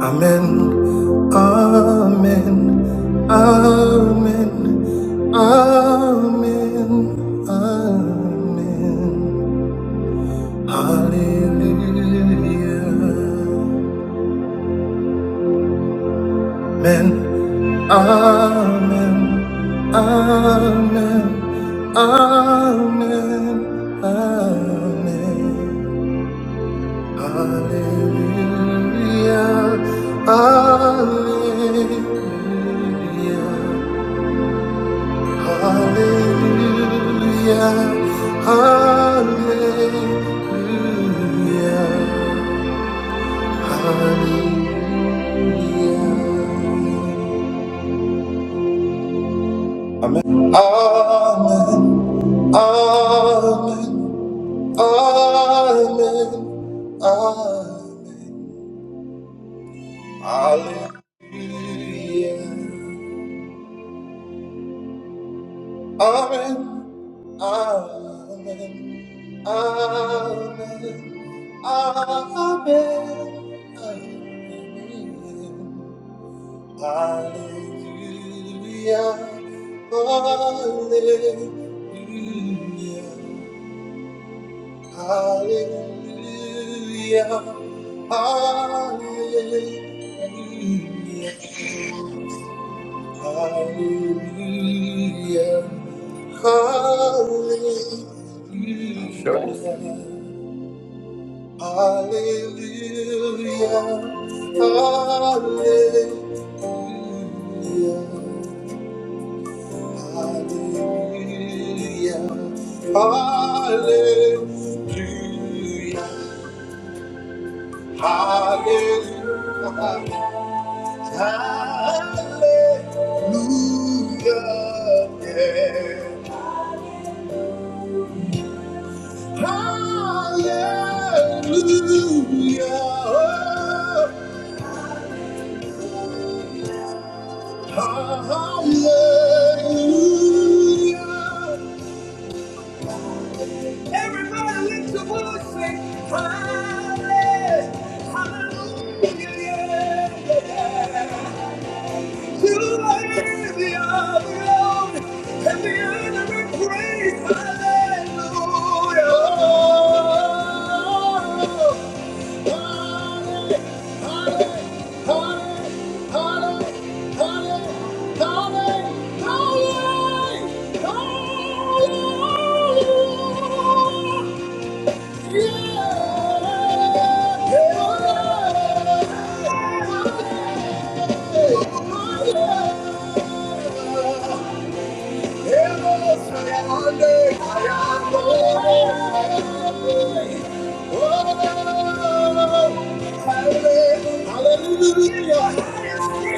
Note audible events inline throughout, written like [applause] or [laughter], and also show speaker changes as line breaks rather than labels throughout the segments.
Amen. Amen. Amen. Amen. Amen. Hallelujah. Amen. Amen. Amen. Amen. Amen. Hallelujah. Hallelujah. Hallelujah, hallelujah, hallelujah. Amen. Amen. Amen. Amen. Amen. Hallelujah. Amen. Amen. Amen. Amen. Amen. Hallelujah. Hallelujah. Hallelujah. Hallelujah. Hallelujah.
I showed it.
Hallelujah. Hallelujah. Hallelujah. Hallelujah. Hallelujah. Hallelujah. yeah. Hallelujah. Hallelujah. Everybody lift your voice, say, Hallelujah. Hallelujah. You are worthy of the Lord, and the honor and praise. Hallelujah. Yeah. 24 hours and sing hallelujah. Yeah, yeah. We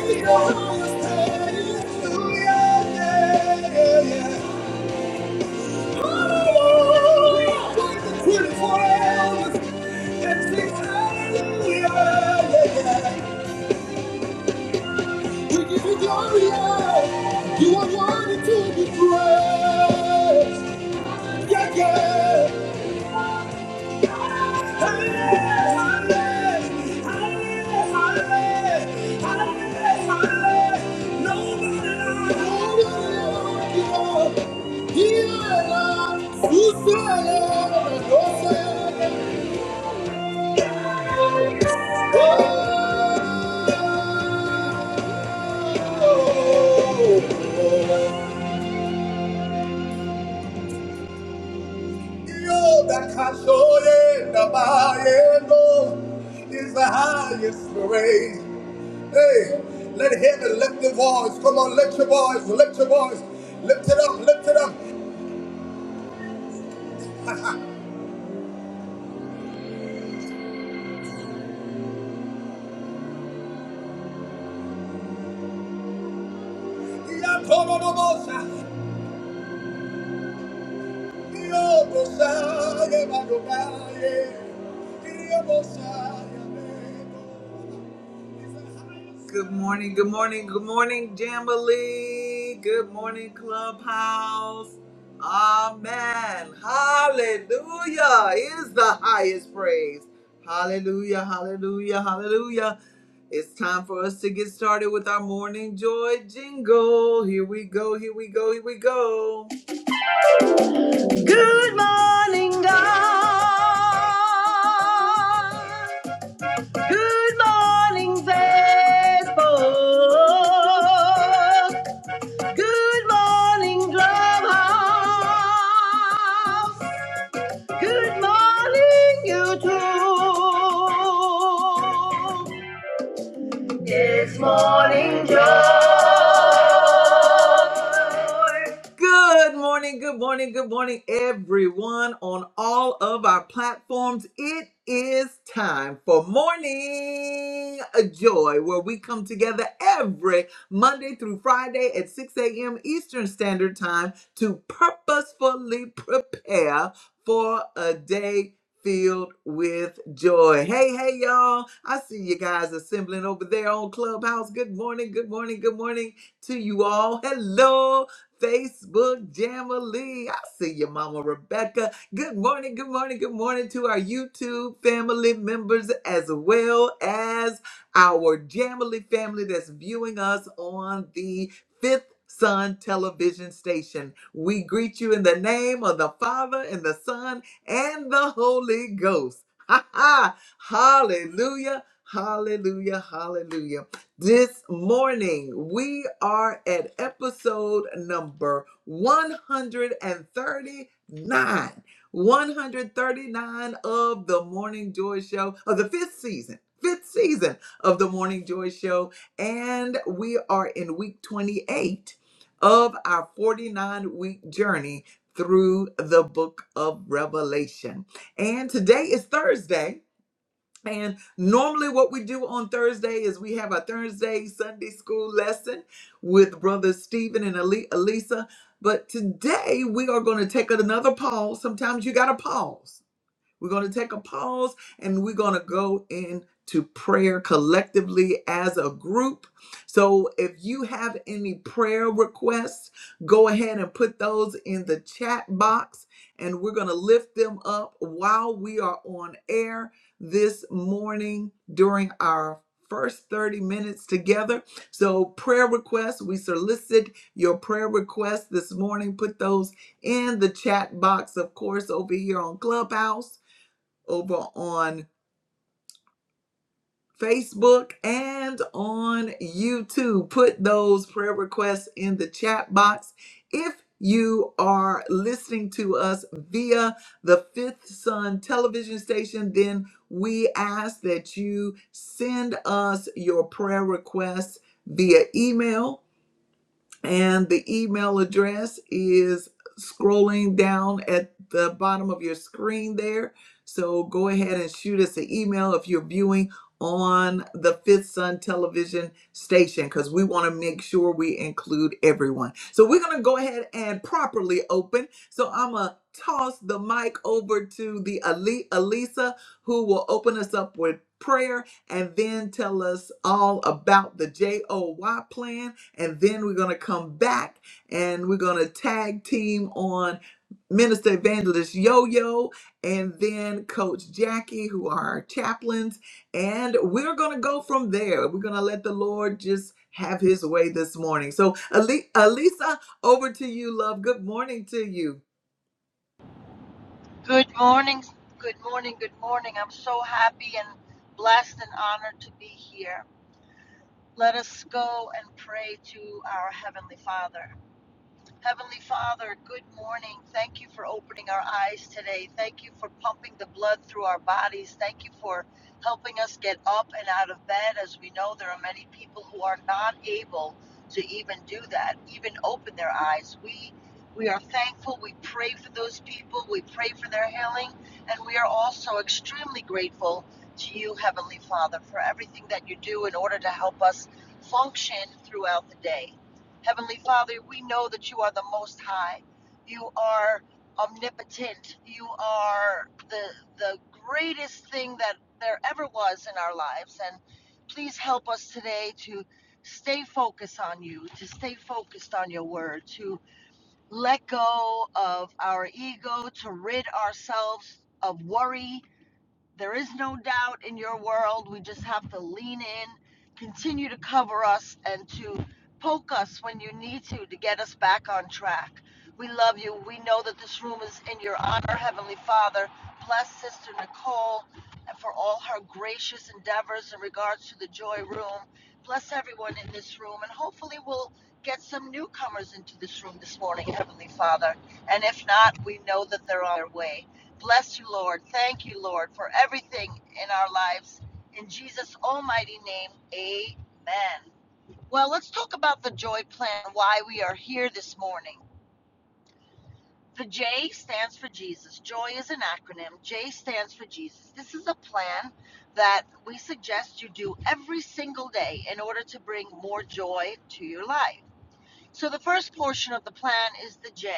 yeah. You are worthy to be praised. Yeah, yeah. Oh! oh, oh, oh, oh. Yo, that kashore na bayendo is the highest praise. Hey, let heaven lift your voice. Come on, lift your voice, lift your voice. Lift it up, lift it up. Ya toro no bosa, yo bosa ye magobaye, yo bosa ye mego. Good morning, good morning, good morning, Jamboree. Good morning, Clubhouse. Amen. Hallelujah is the highest praise. Hallelujah, hallelujah, hallelujah. It's time for us to get started with our morning joy jingle. Here we go, here we go, here we go. Good morning, God. Good morning, Facebook. Good morning, Clubhouse. Good morning, YouTube. It's morning Joe. Good morning, good morning, good morning, everyone on all of our platforms. It is time for Morning Joy, where we come together every Monday through Friday at 6 a.m. Eastern Standard Time to purposefully prepare for a day filled with joy. Hey, hey, y'all. I see you guys assembling over there on Clubhouse. Good morning, good morning, good morning to you all. Hello. Facebook Jamily. I see you, Mama Rebecca. Good morning, good morning, good morning to our YouTube family members as well as our Jamily family that's viewing us on the fifth. Sun television station. We greet you in the name of the Father and the Son and the Holy Ghost. [laughs] Ha ha! Hallelujah! Hallelujah! Hallelujah! This morning, we are at episode number 139. 139 of the Morning Joy Show, of the fifth season, fifth season of the Morning Joy Show. And we are in week 28 of our 49 week journey through the book of Revelation. And today is Thursday. And normally, what we do on Thursday is we have a Thursday Sunday school lesson with Brother Stephen and Ali- Elisa. But today, we are going to take another pause. Sometimes you got to pause we're going to take a pause and we're going to go into prayer collectively as a group. So if you have any prayer requests, go ahead and put those in the chat box and we're going to lift them up while we are on air this morning during our first 30 minutes together. So prayer requests, we solicit your prayer requests this morning. Put those in the chat box, of course, over here on Clubhouse over on Facebook and on YouTube. Put those prayer requests in the chat box. If you are listening to us via the Fifth Sun television station, then we ask that you send us your prayer requests via email and the email address is scrolling down at the bottom of your screen there. So go ahead and shoot us an email if you're viewing on the Fifth Sun television station because we want to make sure we include everyone. So we're going to go ahead and properly open. So I'm going to toss the mic over to the Ali- Alisa who will open us up with prayer and then tell us all about the JOY plan and then we're going to come back and we're going to tag team on Minister Evangelist Yo Yo and then Coach Jackie, who are our chaplains. And we're going to go from there. We're going to let the Lord just have his way this morning. So, Ali- Alisa, over to you, love. Good morning to you.
Good morning, good morning, good morning. I'm so happy and blessed and honored to be here. Let us go and pray to our Heavenly Father. Heavenly Father, good morning. Thank you for opening our eyes today. Thank you for pumping the blood through our bodies. Thank you for helping us get up and out of bed. As we know, there are many people who are not able to even do that, even open their eyes. We we are thankful. We pray for those people. We pray for their healing, and we are also extremely grateful to you, Heavenly Father, for everything that you do in order to help us function throughout the day. Heavenly Father, we know that you are the Most High. You are omnipotent. You are the the greatest thing that there ever was in our lives. And please help us today to stay focused on you, to stay focused on your word, to let go of our ego, to rid ourselves of worry, there is no doubt in your world. We just have to lean in, continue to cover us, and to poke us when you need to to get us back on track. We love you. We know that this room is in your honor, Heavenly Father. Bless Sister Nicole for all her gracious endeavors in regards to the Joy Room. Bless everyone in this room, and hopefully, we'll get some newcomers into this room this morning, Heavenly Father. And if not, we know that they're on their way. Bless you, Lord. Thank you, Lord, for everything in our lives. In Jesus' almighty name, amen. Well, let's talk about the joy plan, why we are here this morning. The J stands for Jesus. Joy is an acronym. J stands for Jesus. This is a plan that we suggest you do every single day in order to bring more joy to your life. So, the first portion of the plan is the J.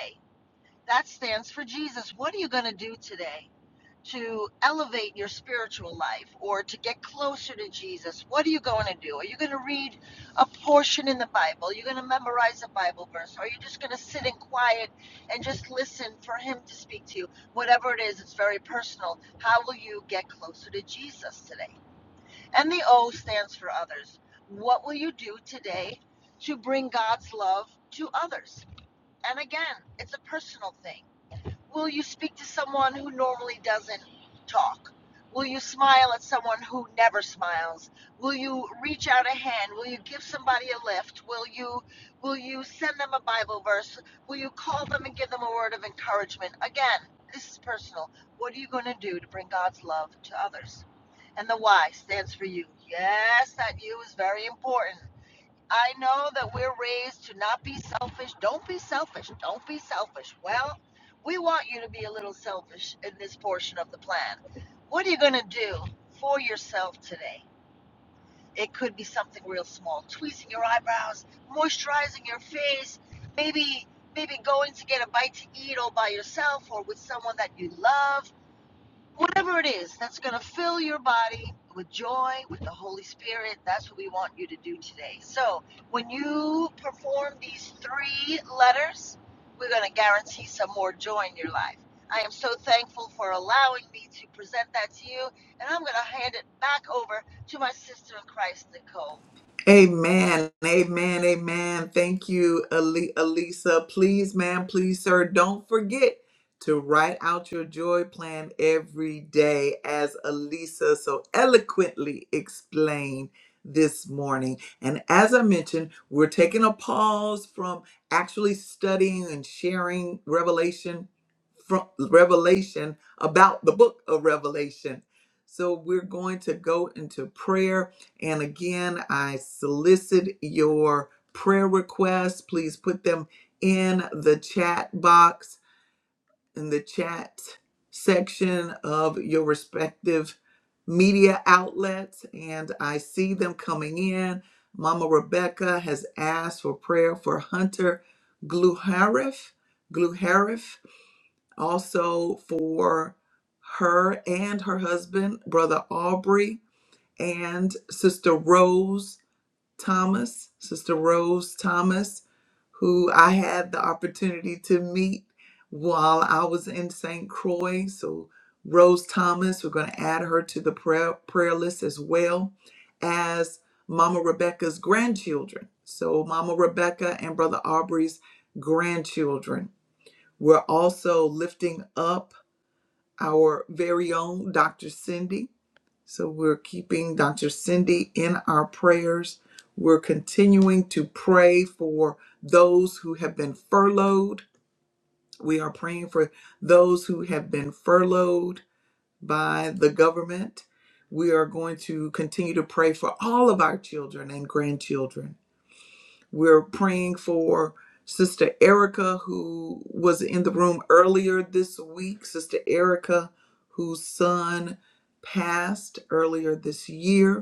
That stands for Jesus. What are you going to do today? to elevate your spiritual life or to get closer to Jesus, what are you going to do? Are you going to read a portion in the Bible? Are you going to memorize a Bible verse? Or are you just going to sit in quiet and just listen for Him to speak to you? Whatever it is, it's very personal. How will you get closer to Jesus today? And the O stands for others. What will you do today to bring God's love to others? And again, it's a personal thing. Will you speak to someone who normally doesn't talk? Will you smile at someone who never smiles? Will you reach out a hand? Will you give somebody a lift? Will you will you send them a Bible verse? Will you call them and give them a word of encouragement? Again, this is personal. What are you going to do to bring God's love to others? And the Y stands for you. Yes, that you is very important. I know that we're raised to not be selfish. Don't be selfish. Don't be selfish. Well, we want you to be a little selfish in this portion of the plan. What are you going to do for yourself today? It could be something real small, tweezing your eyebrows, moisturizing your face, maybe maybe going to get a bite to eat all by yourself or with someone that you love whatever it is that's going to fill your body with joy, with the Holy Spirit. That's what we want you to do today. So, when you perform these three letters, we're going to guarantee some more joy in your life. I am so thankful for allowing me to present that to you, and I'm going to hand it back over to my sister in Christ, Nicole.
Amen. Amen. Amen. Thank you, Ali- Elisa. Please, ma'am, please, sir, don't forget to write out your joy plan every day, as Elisa so eloquently explained this morning. And as I mentioned, we're taking a pause from actually studying and sharing revelation from revelation about the book of Revelation. So we're going to go into prayer and again, I solicit your prayer requests. Please put them in the chat box, in the chat section of your respective media outlets. And I see them coming in. Mama Rebecca has asked for prayer for Hunter Gluharif, Gluharif, also for her and her husband, Brother Aubrey, and Sister Rose Thomas, Sister Rose Thomas, who I had the opportunity to meet while I was in St. Croix. So, Rose Thomas, we're going to add her to the prayer, prayer list as well as Mama Rebecca's grandchildren. So, Mama Rebecca and Brother Aubrey's grandchildren. We're also lifting up our very own Dr. Cindy. So we're keeping Dr. Cindy in our prayers. We're continuing to pray for those who have been furloughed. We are praying for those who have been furloughed by the government. We are going to continue to pray for all of our children and grandchildren. We're praying for Sister Erica, who was in the room earlier this week. Sister Erica, whose son passed earlier this year.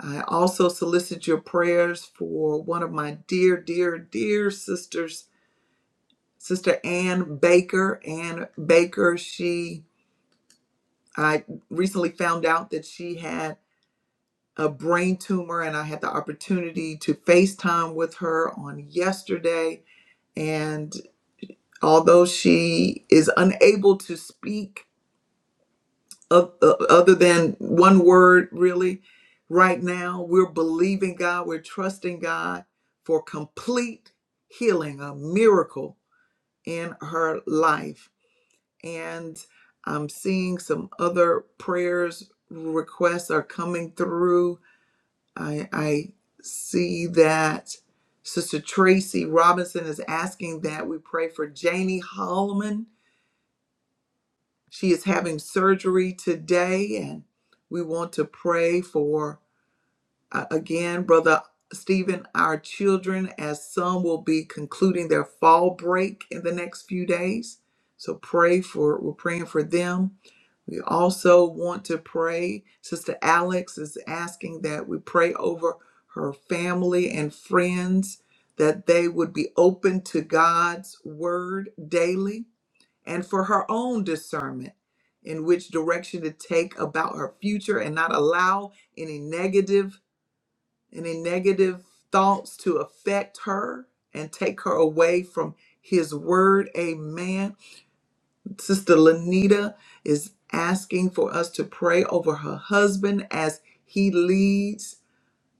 I also solicit your prayers for one of my dear, dear, dear sisters, Sister Ann Baker. Ann Baker, she, I recently found out that she had a brain tumor, and I had the opportunity to FaceTime with her on yesterday. And although she is unable to speak, o- o- other than one word really right now we're believing god we're trusting god for complete healing a miracle in her life and i'm seeing some other prayers requests are coming through i i see that sister tracy robinson is asking that we pray for janie holloman She is having surgery today, and we want to pray for, uh, again, Brother Stephen, our children, as some will be concluding their fall break in the next few days. So pray for, we're praying for them. We also want to pray. Sister Alex is asking that we pray over her family and friends that they would be open to God's word daily and for her own discernment in which direction to take about her future and not allow any negative any negative thoughts to affect her and take her away from his word amen sister lanita is asking for us to pray over her husband as he leads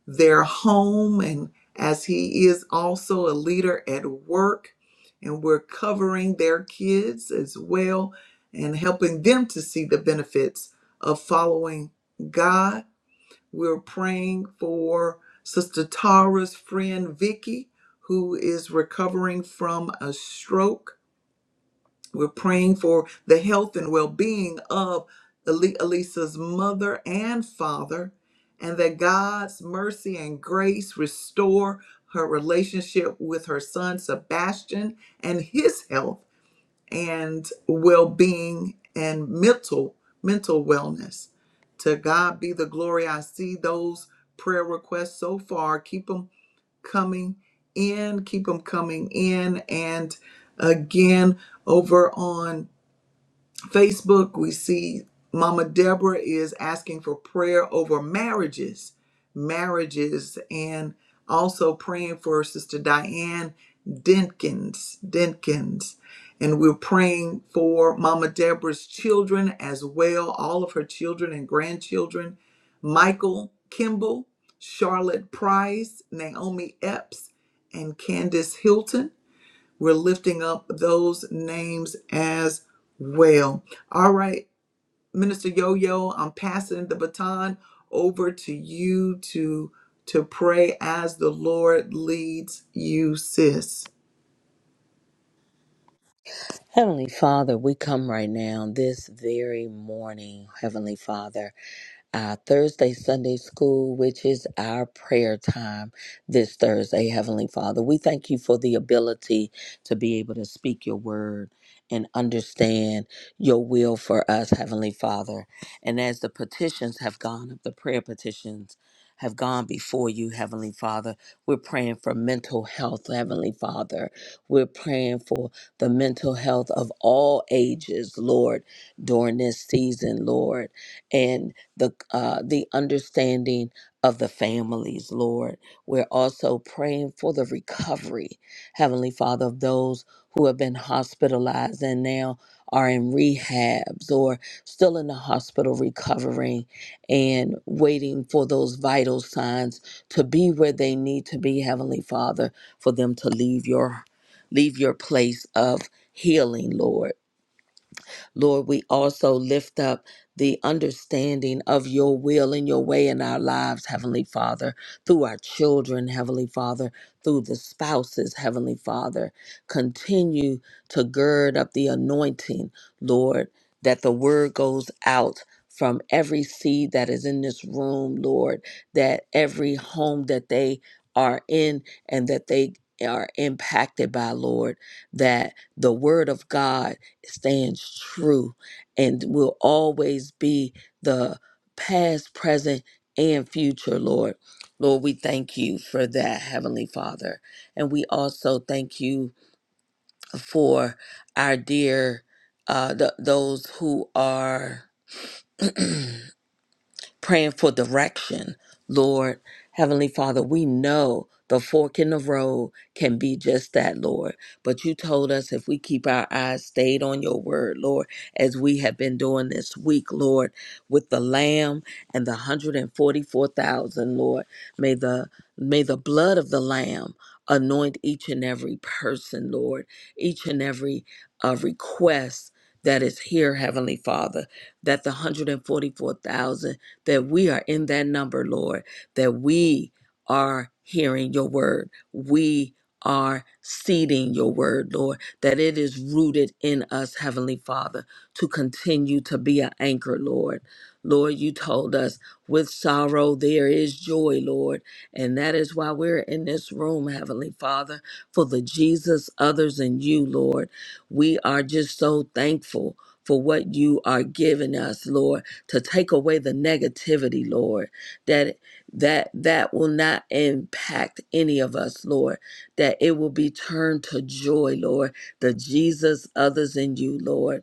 their home and as he is also a leader at work and we're covering their kids as well and helping them to see the benefits of following God. We're praying for Sister Tara's friend Vicky who is recovering from a stroke we're praying for the health and well being of Ali- Elisa's mother and father, and that God's mercy and grace restore her relationship with her son Sebastian and his health and well being and mental mental wellness. To God be the glory. I see those prayer requests so far. Keep them coming in. Keep them coming in. And again, over on Facebook, we see Mama Deborah is asking for prayer over marriages, marriages, and also praying for Sister Diane Dinkins, Dinkins. And we're praying for Mama Deborah's children as well, all of her children and grandchildren, Michael Kimball, Charlotte Price, Naomi Epps, and Candace Hilton. We're lifting up those names as well. All right, Minister Yo Yo, I'm passing the baton over to you to to pray as the Lord leads you, sis.
Heavenly Father, we come right now, this very morning, Heavenly Father uh, Thursday Sunday School, which is our prayer time this Thursday. Heavenly Father, we thank you for the ability to be able to speak your word and understand your will for us, Heavenly Father. And as the petitions have gone up, the prayer petitions have gone before you, Heavenly Father, we're praying for mental health, Heavenly Father. We're praying for the mental health of all ages, Lord, during this season, Lord. And the uh, the understanding of the families, Lord. We're also praying for the recovery, Heavenly Father, of those who have been hospitalized and now are in rehabs or still in the hospital recovering and waiting for those vital signs to be where they need to be, Heavenly Father, for them to leave your leave your place of healing, Lord. Lord, we also lift up the understanding of your will and your way in our lives, Heavenly Father, through our children, Heavenly Father, through the spouses, Heavenly Father. Continue to gird up the anointing, Lord, that the word goes out from every seed that is in this room, Lord, that every home that they are in and that they are impacted by, Lord, that the word of God stands true and will always be the past, present, and future, Lord. Lord, we thank you for that, Heavenly Father. And we also thank you for our dear, uh, th- those who are praying for direction. Lord, Heavenly Father, we know the fork in the road can be just that, Lord. But you told us if we keep our eyes stayed on your word, Lord, as we have been doing this week, Lord, with the lamb and the 144,000, Lord, may the may the blood of the lamb anoint each and every person, Lord, each and every uh, request that is here, Heavenly Father, that the 144,000 that we are in that number, Lord, that we are hearing your word. We are seeding your word, Lord, that it is rooted in us, Heavenly Father, to continue to be an anchor, Lord. Lord, you told us with sorrow there is joy, Lord. And that is why we're in this room, Heavenly Father, for the Jesus, others, and you, Lord. We are just so thankful for what you are giving us, Lord to take away the negativity lord that that that will not impact any of us lord that it will be turned to joy lord the jesus others in you lord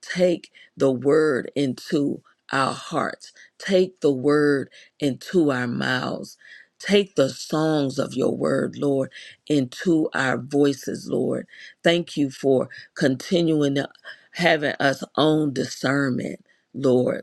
take the word into our hearts take the word into our mouths Take the songs of your word, Lord, into our voices, Lord. Thank you for continuing to having us own discernment, Lord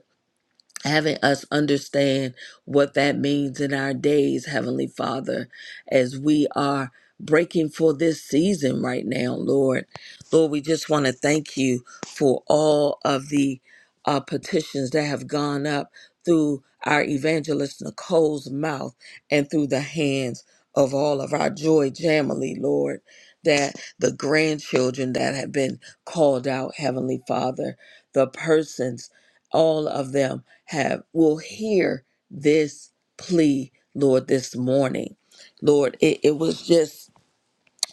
having us understand what that means in our days, Heavenly Father, as we are breaking for this season right now, Lord. Lord, we just want to thank you for all of the uh, petitions that have gone up through our evangelist Nicole's mouth and through the hands of all of our Joy Jamily, Lord. That the grandchildren that have been called out, Heavenly Father, the persons, all of them have will hear this plea, Lord, this morning. Lord, it, it was just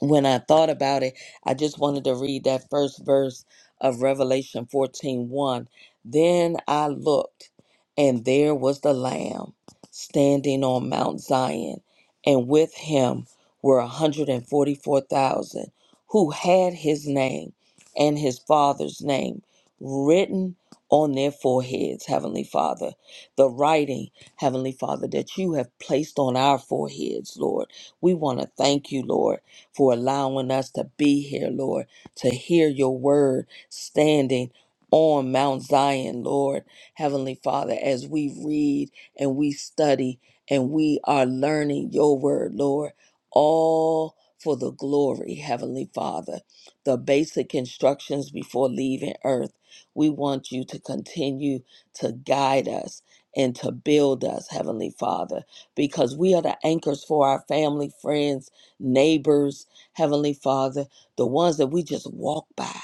when I thought about it, I just wanted to read that first verse of Revelation fourteen one. Then I looked, and there was the Lamb standing on Mount Zion, and with him were 144,000 who had his name and his father's name written on their foreheads, Heavenly Father. The writing, Heavenly Father, that you have placed on our foreheads, Lord. We want to thank you, Lord for allowing us to be here, Lord, to hear your word standing on Mount Zion, Lord. Heavenly Father, as we read and we study and we are learning your word, Lord, all for the glory, Heavenly Father. The basic instructions before leaving earth, we want you to continue to guide us and to build us, Heavenly Father, because we are the anchors for our family, friends neighbors, Heavenly Father, the ones that we just walk by,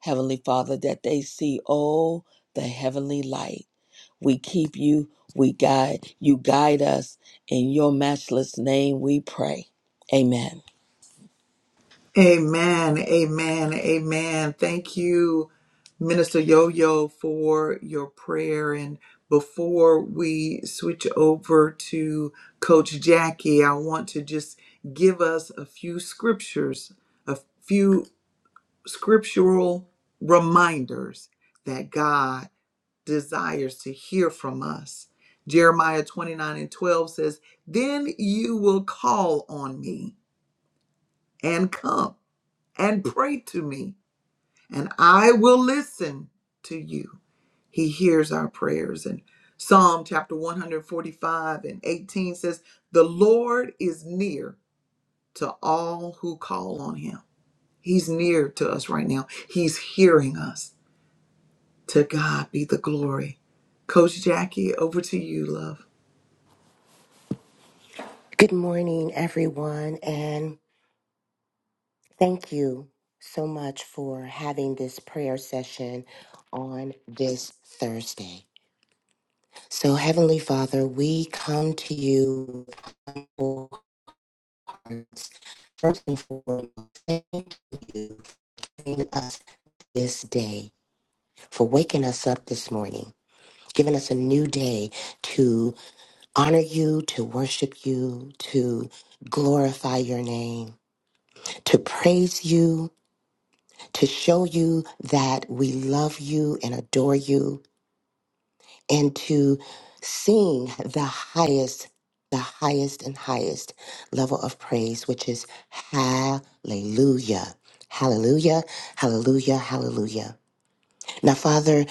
Heavenly Father, that they see, oh, the heavenly light. We keep you, we guide, you guide us. In your matchless name we pray. Amen.
Amen. Amen. Amen. Thank you, Minister Yo Yo, for your prayer. And before we switch over to Coach Jackie, I want to just give us a few scriptures, a few scriptural reminders that God desires to hear from us. Jeremiah 29 and 12 says, Then you will call on me and come and pray to me, and I will listen to you. He hears our prayers. And Psalm chapter 145 and 18 says, The Lord is near to all who call on him. He's near to us right now. He's hearing us. To God be the glory. Coach Jackie, over to you, love.
Good morning, everyone, and thank you so much for having this prayer session on this Thursday. So, Heavenly Father, we come to you with full hearts. First and foremost, thank you for giving us this day, for waking us up this morning, giving us a new day to honor you, to worship you, to glorify your name, to praise you to show you that we love you and adore you and to sing the highest the highest and highest level of praise which is hallelujah hallelujah hallelujah hallelujah now father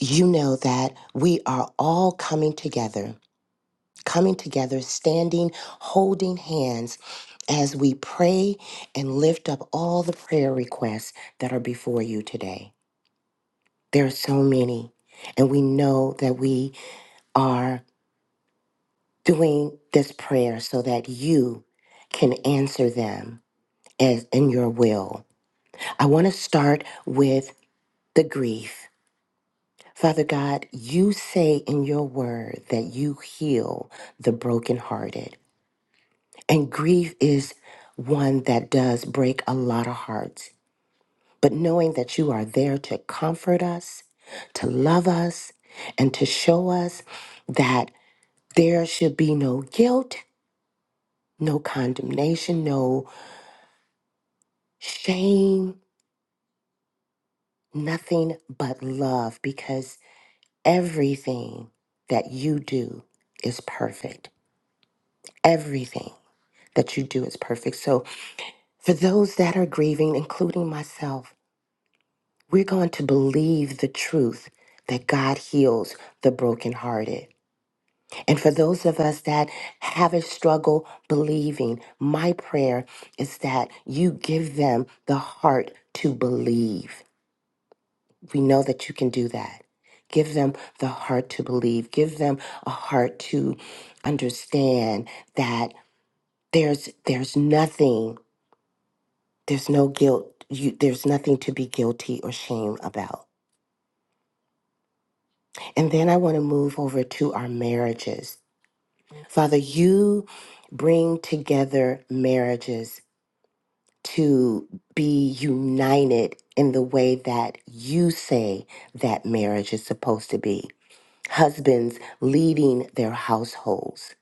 you know that we are all coming together coming together standing holding hands as we pray and lift up all the prayer requests that are before you today There are so many. And we know that we are doing this prayer so that you can answer them as in your will. I want to start with the grief. Father God, you say in your word that you heal the brokenhearted. And grief is one that does break a lot of hearts. But knowing that you are there to comfort us, to love us, and to show us that There should be no guilt, no condemnation, no shame, nothing but love because everything that you do is perfect. Everything that you do is perfect. So, for those that are grieving, including myself, we're going to believe the truth that God heals the brokenhearted. And for those of us that have a struggle believing, my prayer is that you give them the heart to believe. We know that you can do that. Give them the heart to believe. Give them a heart to understand that there's there's nothing, there's no guilt. You, there's nothing to be guilty or shame about. And then I want to move over to our marriages. Father, you bring together marriages to be united in the way that you say that marriage is supposed to be. Husbands leading their households,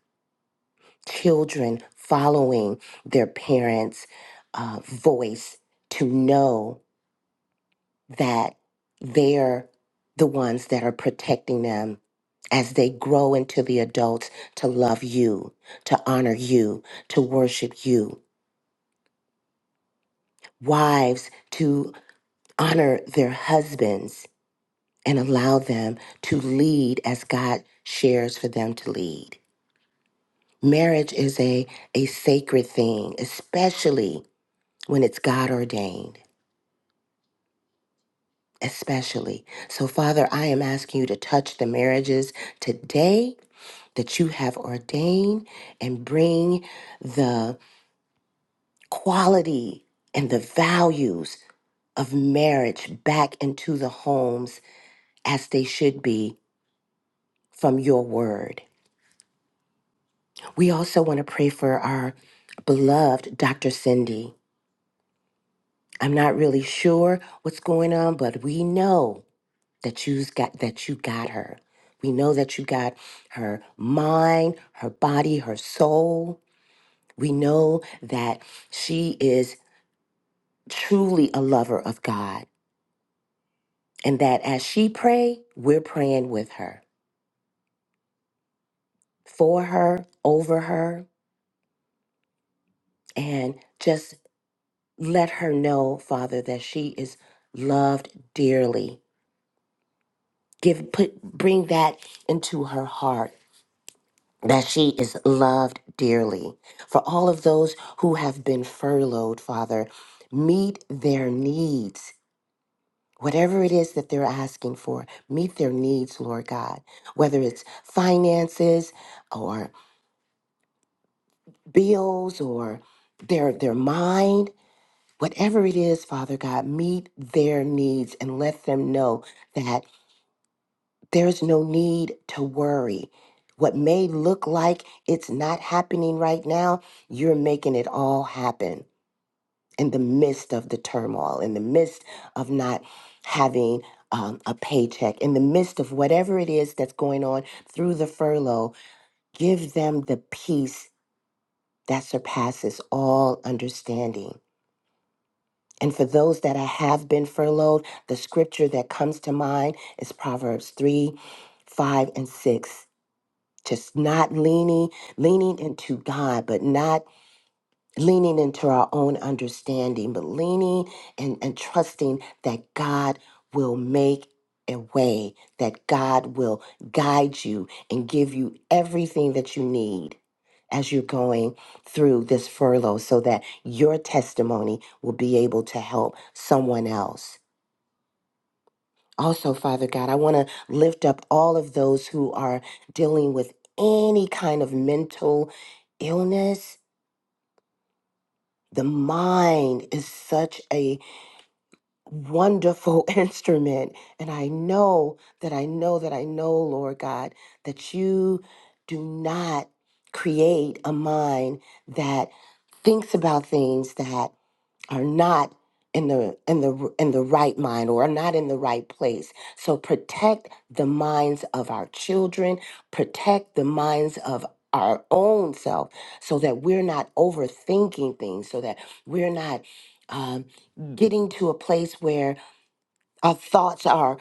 children following their parents' uh, voice to know that they're the ones that are protecting them as they grow into the adults to love you, to honor you, to worship you. Wives to honor their husbands and allow them to lead as God shares for them to lead. Marriage is a, a sacred thing, especially when it's God ordained. Especially. So, Father, I am asking you to touch the marriages today that you have ordained and bring the quality and the values of marriage back into the homes as they should be from your word. We also want to pray for our beloved Dr. Cindy. I'm not really sure what's going on, but we know that you's got that you got her. We know that you got her mind, her body, her soul. We know that she is truly a lover of God and that as she pray, we're praying with her, for her, over her, and just let her know, Father, that she is loved dearly give put bring that into her heart that she is loved dearly for all of those who have been furloughed father meet their needs whatever it is that they're asking for meet their needs lord god whether it's finances or bills or their their mind whatever it is father god meet their needs and let them know that There is no need to worry. What may look like it's not happening right now, you're making it all happen in the midst of the turmoil, in the midst of not having um, a paycheck, in the midst of whatever it is that's going on through the furlough. Give them the peace that surpasses all understanding. And for those that have been furloughed, the scripture that comes to mind is Proverbs 3 5 and 6 just not leaning leaning into god but not leaning into our own understanding but leaning and, and trusting that god will make a way that god will guide you and give you everything that you need as you're going through this furlough so that your testimony will be able to help someone else also, Father God, I want to lift up all of those who are dealing with any kind of mental illness. The mind is such a wonderful [laughs] instrument. And I know that I know that I know, Lord God, that you do not create a mind that thinks about things, that are not in the in the in the right mind or are not in the right place so protect the minds of our children protect the minds of our own self so that we're not overthinking things so that we're not um, getting to a place where our thoughts are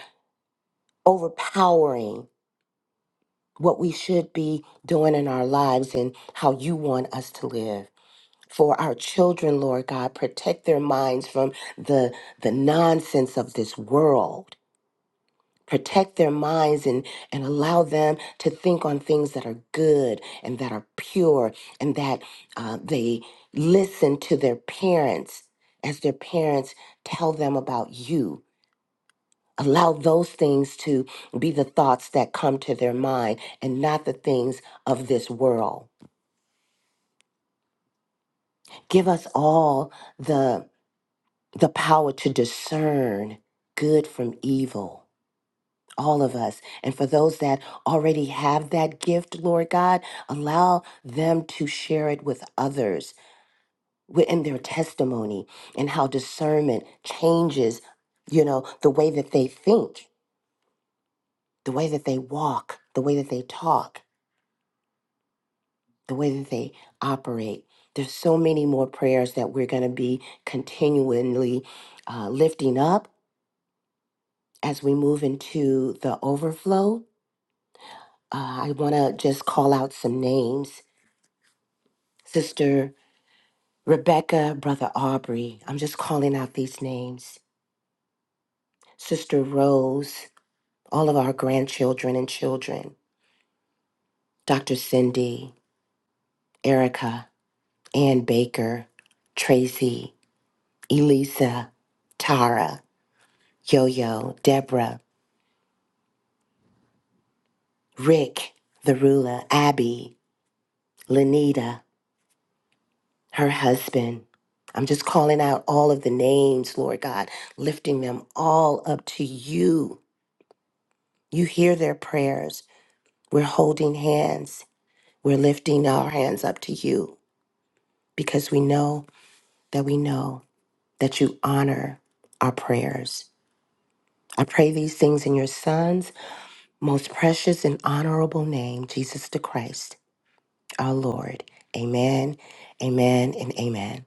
overpowering what we should be doing in our lives and how you want us to live for our children, Lord God. Protect their minds from the the nonsense of this world. Protect their minds and, and allow them to think on things that are good and that are pure and that uh, they listen to their parents as their parents tell them about you. Allow those things to be the thoughts that come to their mind and not the things of this world. Give us all the the power to discern good from evil, all of us. And for those that already have that gift, Lord God, allow them to share it with others within their testimony and how discernment changes, you know, the way that they think, the way that they walk, the way that they talk, the way that they operate. There's so many more prayers that we're going to be continually uh, lifting up as we move into the overflow, uh, I want to just call out some names. Sister Rebecca, Brother Aubrey, I'm just calling out these names. Sister Rose, all of our grandchildren and children, Dr. Cindy, Erica, Ann Baker, Tracy, Elisa, Tara, Yo Yo, Deborah, Rick, Therula, Abby, Lanita, her husband. I'm just calling out all of the names, Lord God, lifting them all up to you. You hear their prayers. We're holding hands. We're lifting our hands up to you because we know that we know that you honor our prayers. I pray these things in your Son's most precious and honorable name, Jesus the Christ, our Lord. Amen, amen, and amen.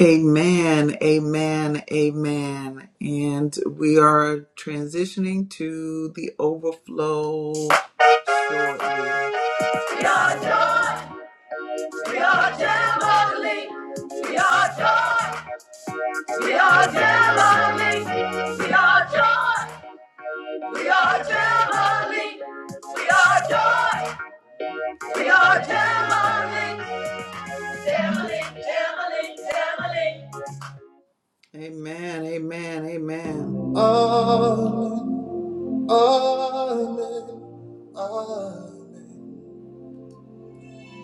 Amen, amen, amen. And we are transitioning to the overflow shortly. We are joy, we are jubilee. We are joy, we are jubilee. We are joy, we are jubilee. We are joy, we are jubilee. Emily, Emily, Emily. Amen, amen, amen. All, all, all,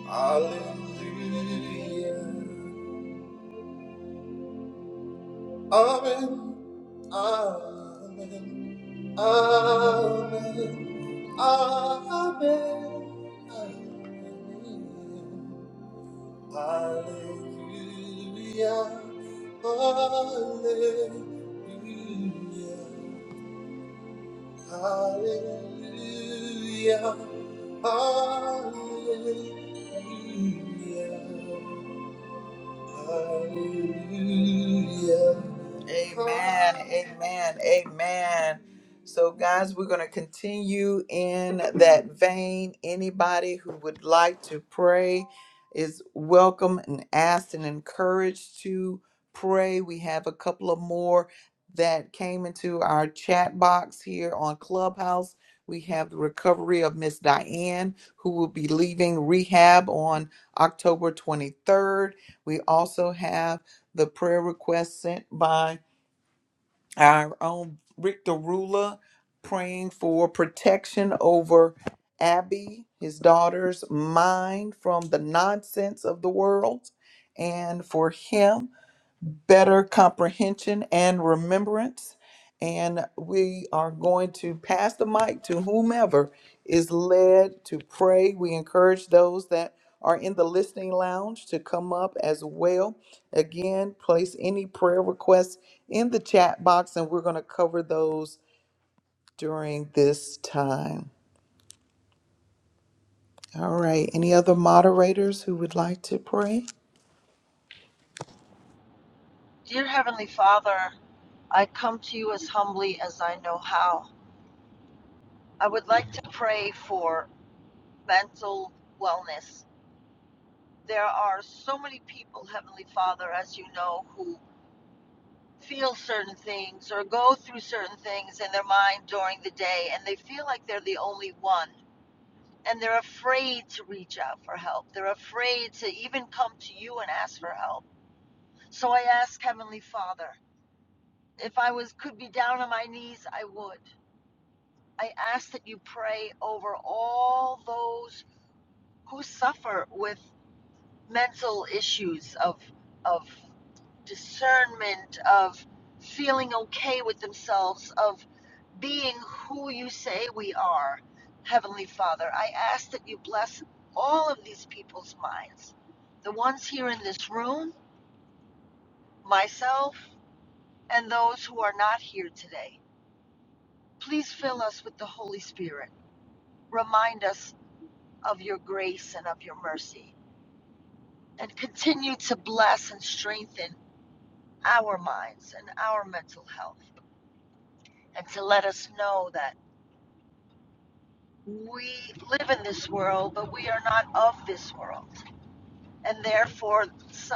hallelujah. Amen, amen, amen, amen, amen. Hallelujah, hallelujah, hallelujah, hallelujah. Hallelujah. Amen. Amen. Amen. So, guys, we're going to continue in that vein. Anybody who would like to pray is welcome and asked and encouraged to pray. We have a couple of more that came into our chat box here on Clubhouse. We have the recovery of Miss Diane, who will be leaving rehab on October 23rd we also have the prayer request sent by our own Rick Rula, praying for protection over Abby, his daughter's mind from the nonsense of the world, and for him better comprehension and remembrance. And we are going to pass the mic to whomever is led to pray. We encourage those that are in the listening lounge to come up as well. Again, place any prayer requests in the chat box, and we're going to cover those during this time. All right. Any other moderators who would like to pray?
Dear Heavenly Father, I come to you as humbly as I know how. I would like to pray for mental wellness there are so many people, Heavenly Father, as you know, who feel certain things or go through certain things in their mind during the day, and they feel like they're the only one. And they're afraid to reach out for help. They're afraid to even come to you and ask for help. So I ask Heavenly Father, if I was could be down on my knees, I would. I ask that you pray over all those who suffer with mental issues of of discernment of feeling okay with themselves of being who you say we are heavenly father i ask that you bless all of these people's minds the ones here in this room myself and those who are not here today please fill us with the holy spirit remind us of your grace and of your mercy and continue to bless and strengthen our minds and our mental health and to let us know that we live in this world, but we are not of this world. And therefore, so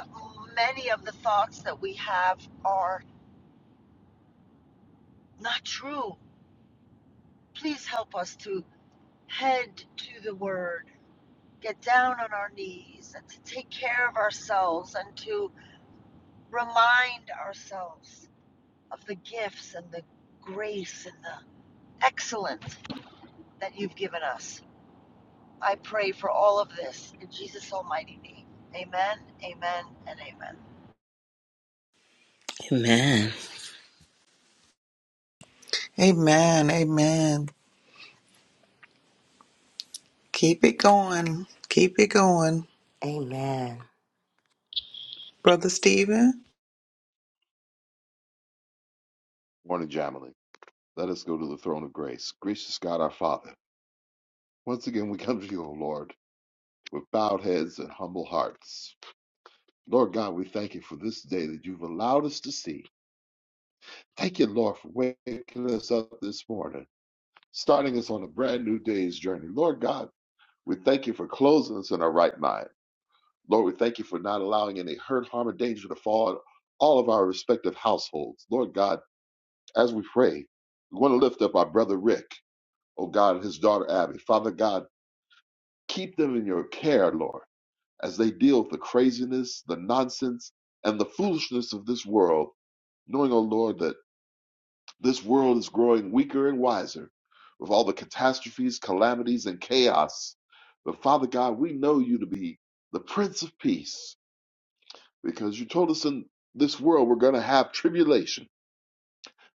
many of the thoughts that we have are not true. Please help us to head to the Word, get down on our knees, and to take care of ourselves and to remind ourselves of the gifts and the grace and the excellence that you've given us. I pray for all of this in Jesus' almighty name. Amen, amen, and amen.
Amen.
Amen. Amen. Keep it going. Keep it going.
Amen.
Brother Stephen?
Morning, Jamily. Let us go to the throne of grace. Gracious God, our Father, once again we come to you, O Lord, with bowed heads and humble hearts. Lord God, we thank you for this day that you've allowed us to see. Thank you, Lord, for waking us up this morning, starting us on a brand new day's journey. Lord God, we thank you for closing us in our right mind. Lord, we thank you for not allowing any hurt, harm, or danger to fall on all of our respective households. Lord God, as we pray, we want to lift up our brother Rick. oh God, and his daughter Abby. Father God, keep them in your care, Lord, as they deal with the craziness, the nonsense, and the foolishness of this world, knowing, oh Lord, that this world is growing weaker and wiser with all the catastrophes, calamities, and chaos. But Father God, we know you to be the Prince of Peace because you told us in this world we're going to have tribulation,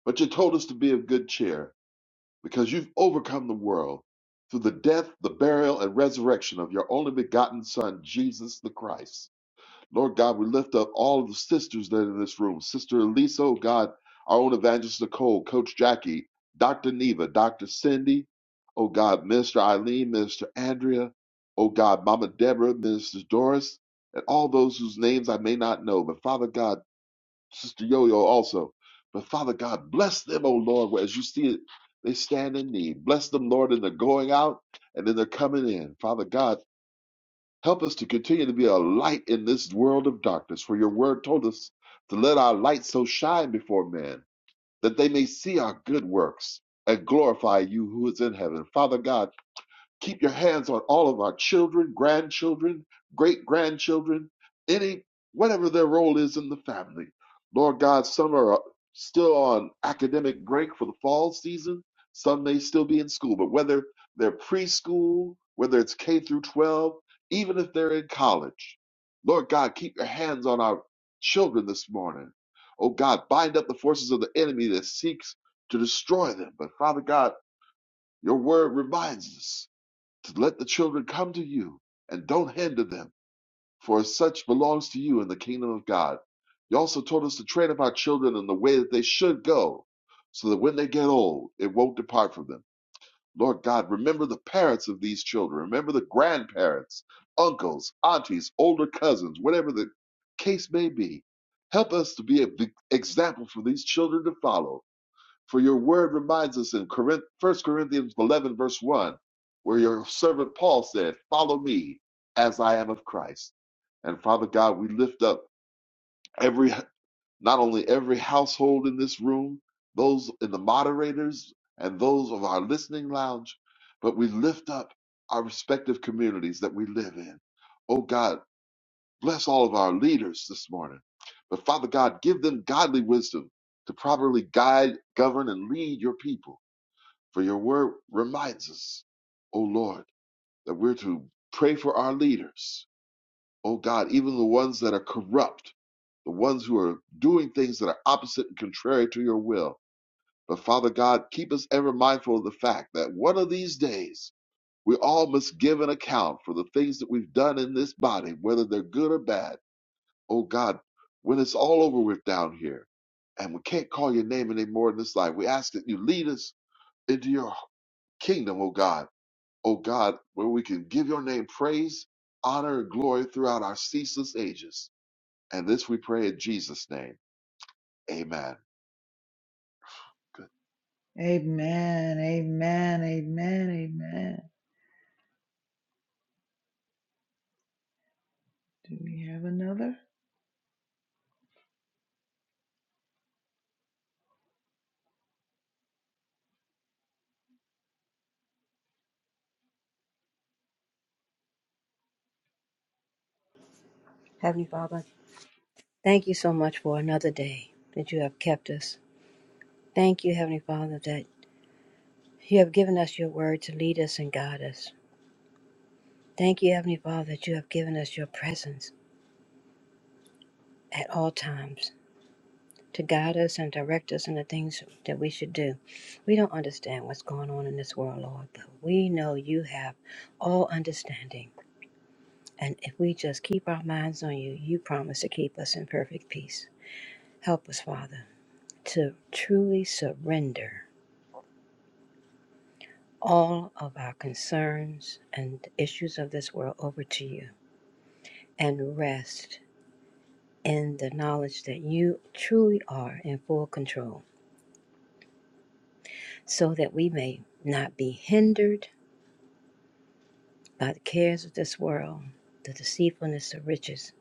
but you told us to be of good cheer because you've overcome the world through the death, the burial, and resurrection of your only begotten Son, Jesus the Christ. Lord God, we lift up all of the sisters that are in this room Sister Elisa, oh God, our own evangelist Nicole, Coach Jackie, Dr. Neva, Dr. Cindy, oh God, Minister Eileen, Minister Andrea, oh God, Mama Deborah, Minister Doris, and all those whose names I may not know. But Father God, Sister Yo Yo also. But Father God, bless them, O Lord, where as you see it, they stand in need. Bless them, Lord, in their going out and in their coming in. Father God, help us to continue to be a light in this world of darkness, for your word told us to let our light so shine before men that they may see our good works and glorify you who is in heaven. Father God, Keep your hands on all of our children, grandchildren, great grandchildren, any, whatever their role is in the family. Lord God, some are still on academic break for the fall season. Some may still be in school, but whether they're preschool, whether it's K through 12, even if they're in college, Lord God, keep your hands on our children this morning. Oh God, bind up the forces of the enemy that seeks to destroy them. But Father God, your word reminds us to let the children come to you and don't hinder them, for as such belongs to you in the kingdom of God. You also told us to train up our children in the way that they should go, so that when they get old, it won't depart from them. Lord God, remember the parents of these children. Remember the grandparents, uncles, aunties, older cousins, whatever the case may be. Help us to be an example for these children to follow for your word reminds us in Corinth, 1 Corinthians 11, verse 1, where your servant Paul said, Follow me as I am of Christ. And Father God, we lift up every, not only every household in this room, those in the moderators and those of our listening lounge, but we lift up our respective communities that we live in. Oh God, bless all of our leaders this morning. But Father God, give them godly wisdom to properly guide, govern, and lead your people. For your word reminds us, O Lord, that we're to pray for our leaders, O God, even the ones that are corrupt, the ones who are doing things that are opposite and contrary to your will. But Father God, keep us ever mindful of the fact that one of these days we all must give an account for the things that we've done in this body, whether they're good or bad. O God, when it's all over with down here, and we can't call your name anymore in this life, we ask that you lead us into your kingdom, O God O God, where we can give your name praise, honor, and glory throughout our ceaseless ages. And this we pray in Jesus' name. Amen.
Amen. Amen. Amen. Amen. Do we have another?
Heavenly Father, thank you so much for another day that you have kept us. Thank you, Heavenly Father, that you have given us your word to lead us and guide us. Thank you, Heavenly Father, that you have given us your presence at all times to guide us and direct us in the things that we should do. We don't understand what's going on in this world, Lord, but we know you have all understanding. And if we just keep our minds on you, you promise to keep us in perfect peace. Help us, Father, to truly surrender all of our concerns and issues of this world over to you and rest in the knowledge that you truly are in full control so that we may not be hindered by the cares of this world, the deceitfulness of riches.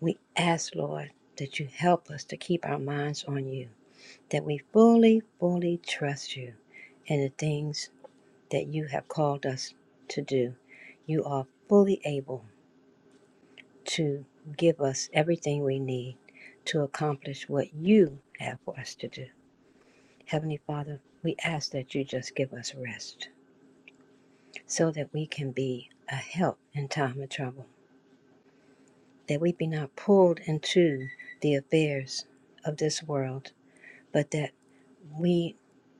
We ask, Lord, that you help us to keep our minds on you, that we fully, fully trust you in the things that you have called us to do. You are fully able to give us everything we need to accomplish what you have for us to do. Heavenly Father, we ask that you just give us rest so that we can be a help in time of trouble, that we be not pulled into the affairs of this world, but that we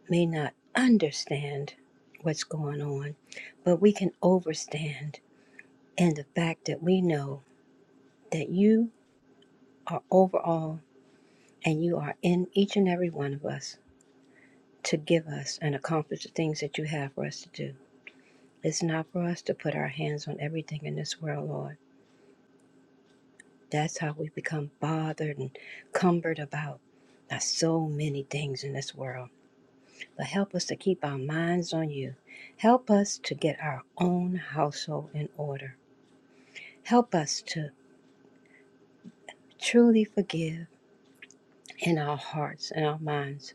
may not understand what's going on, but we can overstand in the fact that we know that you are over all and you are in each and every one of us to give us and accomplish the things that you have for us to do. It's not for us to put our hands on everything in this world, Lord. That's how we become bothered and cumbered about by so many things in this world. But help us to keep our minds on you. Help us to get our own household in order. Help us to truly forgive in our hearts and our minds,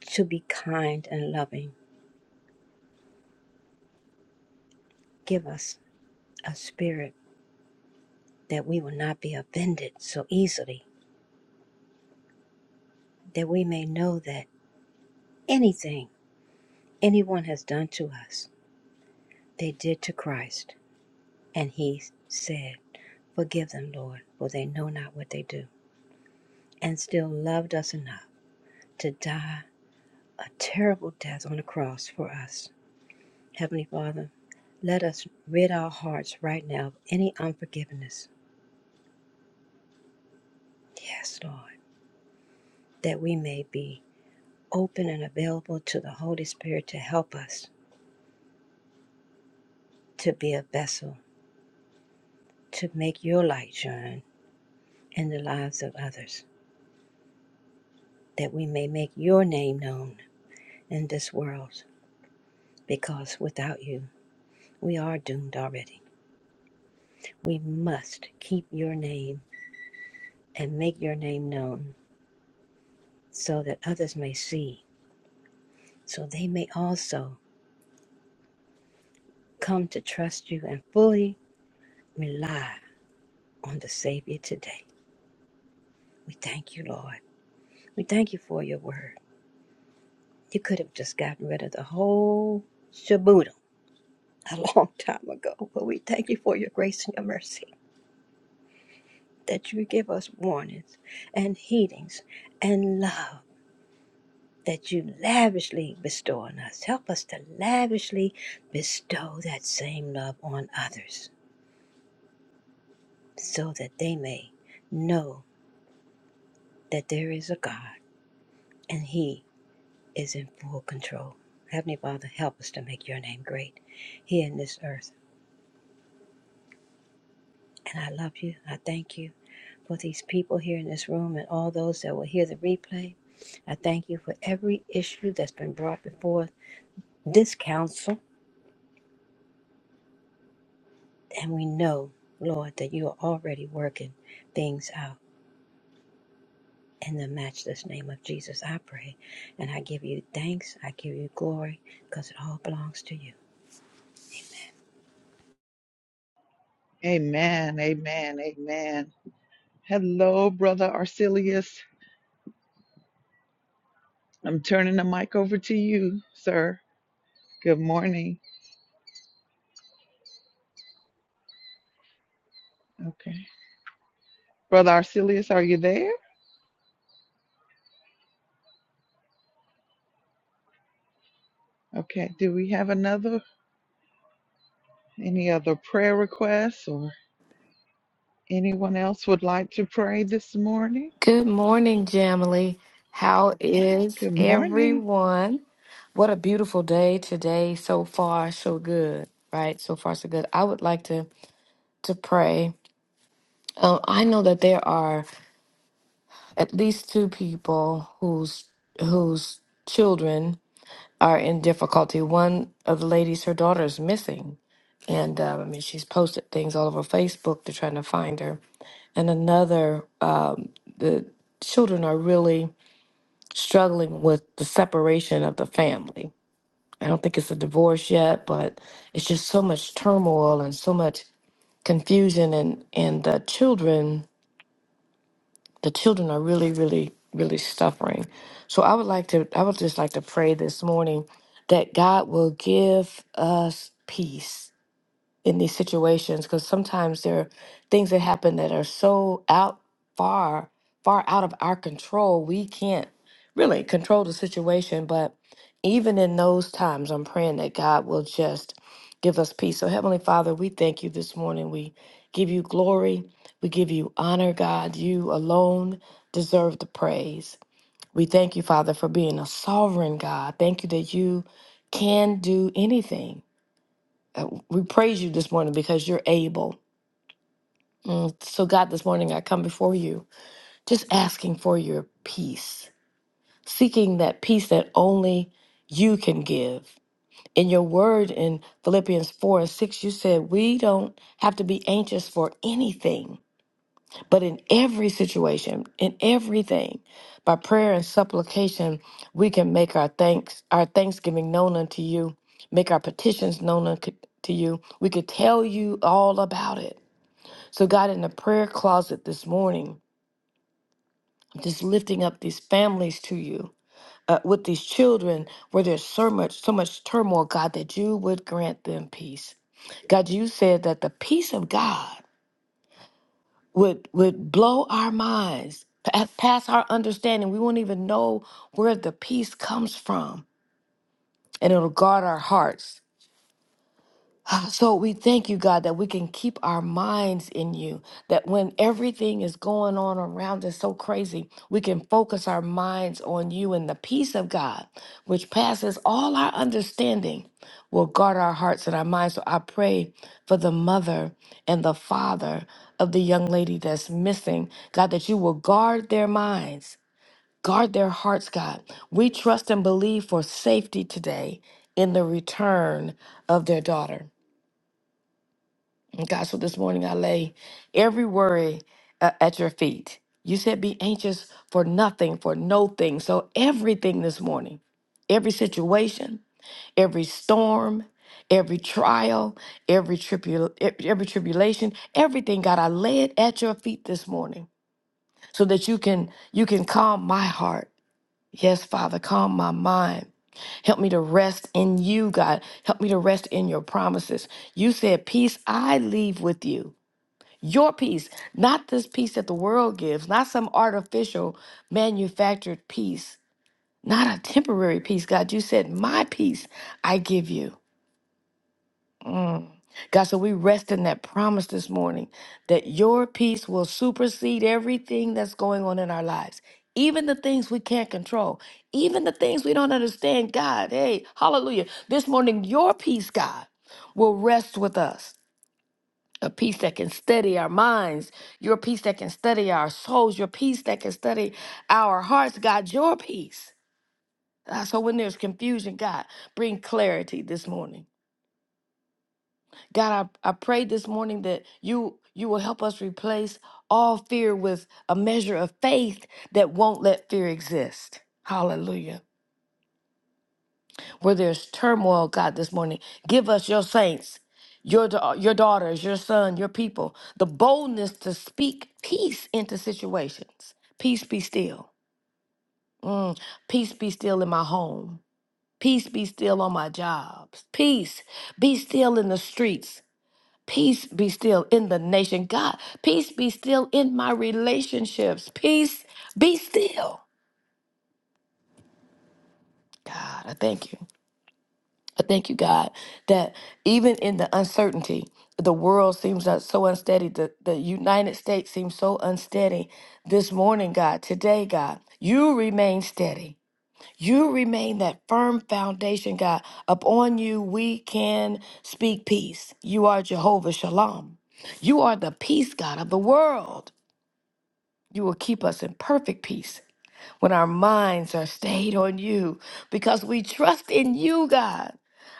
to be kind and loving. Give us a spirit that we will not be offended so easily that we may know that anything anyone has done to us, they did to Christ. And he said, Forgive them, Lord, for they know not what they do, and still loved us enough to die a terrible death on the cross for us. Heavenly Father, let us rid our hearts right now of any unforgiveness. Yes, Lord, that we may be open and available to the Holy Spirit to help us to be a vessel, to make your light shine in the lives of others. that we may make your name known in this world, because without you, we are doomed already. We must keep your name and make your name known so that others may see, so they may also come to trust you and fully rely on the Savior today. We thank you, Lord. We thank you for your word. You could have just gotten rid of the whole shaboodle [laughs] a long time ago, but we thank you for your grace and your mercy. that you give us warnings and heedings and love that you lavishly bestow on us. Help us to lavishly bestow that same love on others so that they may know that there is a God and He is in full control. Heavenly Father, help us to make your name great here in this earth. And I love you. I thank you for these people here in this room and all those that will hear the replay. I thank you for every issue that's been brought before this counsel, and we know, Lord, that you are already working things out. In the matchless name of Jesus, I pray. And I give you thanks. I give you glory because it all belongs to you.
Amen. Amen. Amen. Hello, Brother Arcelius. I'm turning the mic over to you, sir. Good morning. Okay. Brother Arcelius, are you there? Okay. Do we have another? Any other prayer requests or anyone else would like to pray this morning?
Good morning, Jamily. How is
Good morning.
everyone? What a beautiful day today. So far, so good, right? So far, so good. I would like to to pray. Um, I know that there are at least two people whose whose children are in difficulty. One of the ladies, her daughter is missing, and um, I mean she's posted things all over Facebook. They're trying to find her, and another um, the children are really struggling with the separation of the family. I don't think it's a divorce yet, but it's just so much turmoil and so much confusion and and the children the children are really really really suffering. So I would like to I would just like to pray this morning that God will give us peace in these situations because sometimes there are things that happen that are so out far far out of our control we can't really control the situation but even in those times i'm praying that god will just give us peace so heavenly father we thank you this morning we give you glory we give you honor god you alone deserve the praise we thank you father for being a sovereign god thank you that you can do anything uh, We praise you this morning because you're able. Mm, So, God, this morning I come before you just asking for your peace, seeking that peace that only you can give. In your word in Philippians 4 and 6, you said we don't have to be anxious for anything. But in every situation, in everything, by prayer and supplication, we can make our thanks, our thanksgiving known unto you, make our petitions known unto to you. We could tell you all about it. So, God, in the prayer closet this morning, I'm just lifting up these families to you. Uh, with these children where there's so much so much turmoil god that you would grant them peace god you said that the peace of god would would blow our minds pa- past our understanding we won't even know where the peace comes from and it'll guard our hearts Ah, So we thank you, God, that we can keep our minds in you, that when everything is going on around us so crazy, we can focus our minds on you and the peace of God, which passes all our understanding, will guard our hearts and our minds. So I pray for the mother and the father of the young lady that's missing, God, that you will guard their minds, guard their hearts, God. We trust and believe for safety today in the return of their daughter. And God, so this morning I lay every worry uh, at your feet. You said, be anxious for nothing, for no thing. So, everything this morning, every situation, every storm, every trial, every, tribul- e- every tribulation, everything, God, I lay it at your feet this morning so that you can you can calm my heart. Yes, Father, calm my mind. Help me to rest in you, God. Help me to rest in your promises. You said, Peace I leave with you. Your peace, not this peace that the world gives, not some artificial manufactured peace, not a temporary peace. God, you said, My peace I give you. Mm. God, so we rest in that promise this morning that your peace will supersede everything that's going on in our lives, even the things we can't control, even the things we don't understand. God, hey, hallelujah. This morning, your peace, God, will rest with us a peace that can steady our minds, your peace that can steady our souls, your peace that can steady our hearts, God, your peace. Ah, So when there's confusion, God, bring clarity this morning. God, I, I pray this morning that you you will help us replace all fear with a measure of faith that won't let fear exist. Hallelujah. where there's turmoil, God, this morning. Give us your saints, your, da- your daughters, your son, your people, the boldness to speak peace into situations. Peace be still. Mm, peace be still in my home. Peace be still on my jobs. Peace be still in the streets. Peace be still in the nation. God, peace be still in my relationships. Peace be still. God, I thank you. I thank you, God, that even in the uncertainty, the world seems not so unsteady. The, the United States seems so unsteady this morning, God, today, God. You remain steady. You remain that firm foundation, God. Upon you, we can speak peace. You are Jehovah Shalom. You are the peace, God, of the world. You will keep us in perfect peace when our minds are stayed on you because we trust in you, God.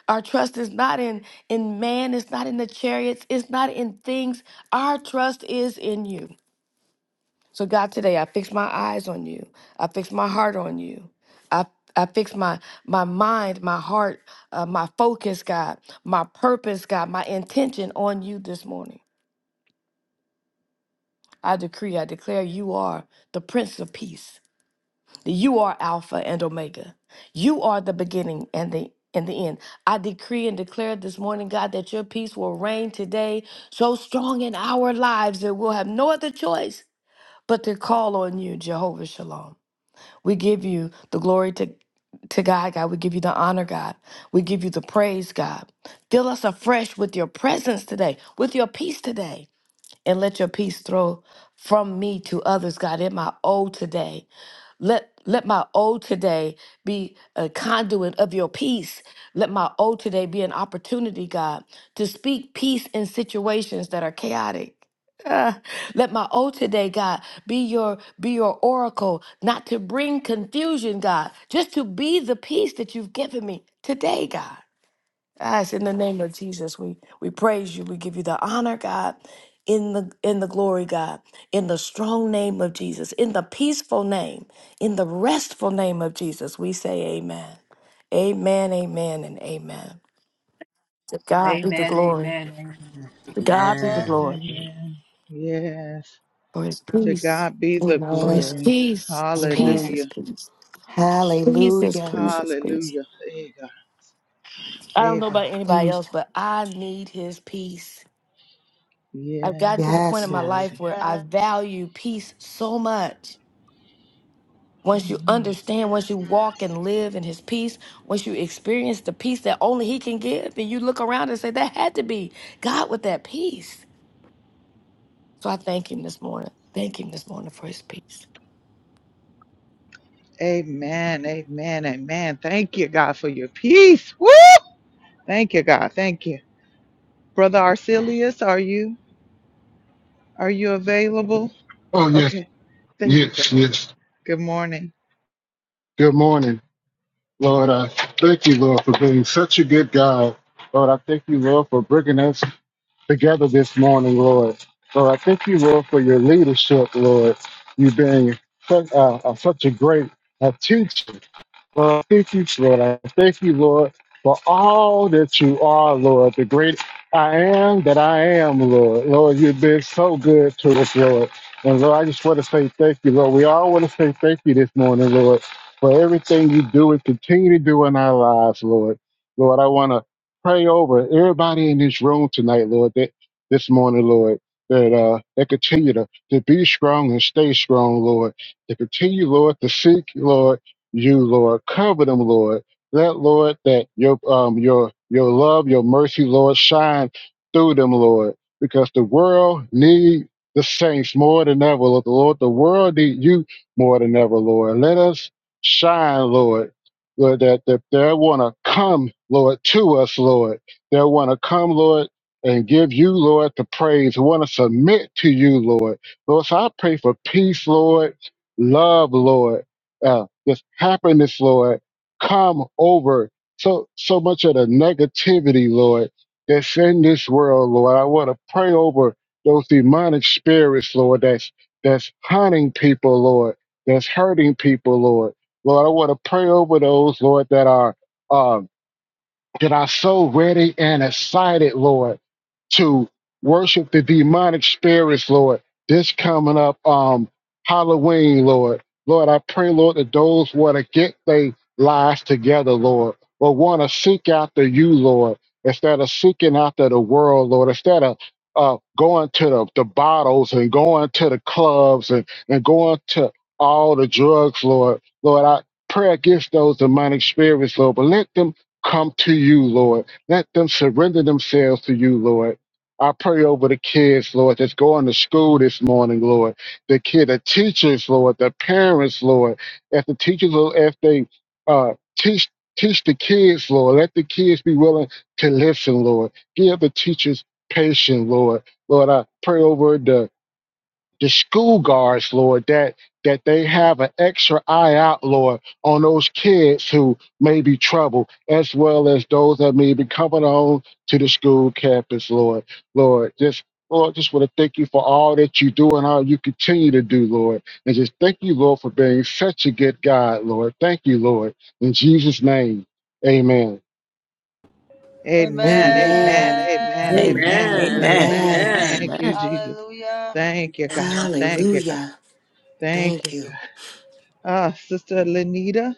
Our trust is not in, in man, it's not in the chariots, it's not in things. Our trust is in you. So, God, today I fix my eyes on you. I fix my heart on you. I, I fix my, my mind, my heart, uh, my focus, God, my purpose, God, my intention on you this morning. I decree, I declare you are the Prince of Peace. You are Alpha and Omega. You are the beginning and the and the end. I decree and declare this morning, God, that your peace will reign today so strong in our lives that we'll have no other choice but to call on you, Jehovah Shalom. We give you the glory to, to God, God. We give you the honor, God. We give you the praise, God. Fill us afresh with your presence today, with your peace today, and let your peace throw from me to others, God, in my O today. Let let my O today be a conduit of your peace. Let my O today be an opportunity, God, to speak peace in situations that are chaotic. Ah, let my O today, God, be your be your oracle, not to bring confusion, God, just to be the peace that you've given me today, God. Guys, in the name of Jesus, we, we praise you. We give you the honor, God, in the in the glory, God, in the strong name of Jesus, in the peaceful name, in the restful name of Jesus. We say amen. Amen, amen, and amen. To God be the
Amen,
glory.
amen, amen,
To God be the
Amen.
Amen.
glory.
Amen. Yes.
For his
To
peace.
God be the
For
Amen.
his
glory.
peace. His peace,
Amen.
his
Hallelujah.
peace. Peace, his
Hallelujah.
peace, his peace.
Hallelujah. Hey God.
I don't
Hey
know
God.
about anybody
Hallelujah.
else, but I need his peace. I've gotten
Yes,
to the point in
Yes,
my
yes,
Lord.
life
yes.
where I
Amen.
value peace so much. Once you
Mhm.
understand, once you walk and live in his peace, once you experience the peace that only he can give, and you look around and say, that had to be God with that peace. So I thank him this morning. Thank him this morning for his peace.
Amen. Amen. Amen. Thank you, God, for your peace. Woo! Thank you, God. Thank you. Brother Arcelius, are you are you available?
Oh, yes,
Okay. There you go.
yes, yes.
Good morning.
Good morning, Lord. I thank you, Lord, for being such a good God. Lord, I thank you, Lord, for bringing us together this morning, Lord. Lord, I thank you, Lord, for your leadership, Lord. You being such, uh, uh, such a great uh, teacher, Well, thank you, Lord. I thank you, Lord, for all that you are, Lord. The great I am that I am, Lord. Lord, you've been so good to us, Lord. And Lord, I just want to say thank you, Lord. We all want to say thank you this morning, Lord, for everything you do and continue to do in our lives, Lord. Lord, I want to pray over everybody in this room tonight, Lord, that this morning, Lord, that uh that continue to, to be strong and stay strong, Lord. To continue, Lord, to seek, Lord you, Lord. Cover them, Lord. Let, Lord, that your um your your love, your mercy, Lord, shine through them, Lord, because the world need the saints more than ever, Lord. The world need you more than ever, Lord. Let us shine, Lord. Lord, that, that they want to come, Lord, to us, Lord. They want to come, Lord, and give you, Lord, the praise. Want to submit to you, Lord. Lord, so I pray for peace, Lord, love, Lord. Uh, this happiness, Lord, come over so so much of the negativity, Lord, that's in this world, Lord. I want to pray over those demonic spirits, Lord, that's that's hunting people, Lord, that's hurting people, Lord. Lord, I want to pray over those, Lord, that are um that are so ready and excited, Lord, to worship the demonic spirits, Lord. This coming up, um, Halloween, Lord. Lord, I pray, Lord, that those want to get their lives together, Lord, or want to seek after you, Lord, instead of seeking after the world, Lord, instead of uh, going to the, the bottles and going to the clubs and, and going to all the drugs, Lord. Lord, I pray against those demonic spirits, Lord, but let them come to you, Lord. Let them surrender themselves to you, Lord. I pray over the kids, Lord, that's going to school this morning, Lord. The kid, the teachers, Lord, the parents, Lord. As the teachers, Lord, as they uh, teach teach the kids, Lord, let the kids be willing to listen, Lord. Give the teachers patience, Lord. Lord, I pray over the the school guards, Lord, that that they have an extra eye out, Lord, on those kids who may be trouble, as well as those that may be coming on to the school campus, Lord. Lord, just Lord, just want to thank you for all that you do and all you continue to do, Lord. And just thank you, Lord, for being such a good God, Lord. Thank you, Lord. In Jesus' name, amen.
Amen. Amen.
Amen.
Amen.
Amen.
Amen.
Amen.
Amen.
Amen.
amen,
Amen.
Amen.
Amen.
amen,
Amen.
Thank you,
Amen.
Jesus.
Hallelujah.
Thank you, God.
Amen.
Thank you, God.
Hallelujah.
Thank
Thank
you, God.
you.
Ah, Sister Lenita.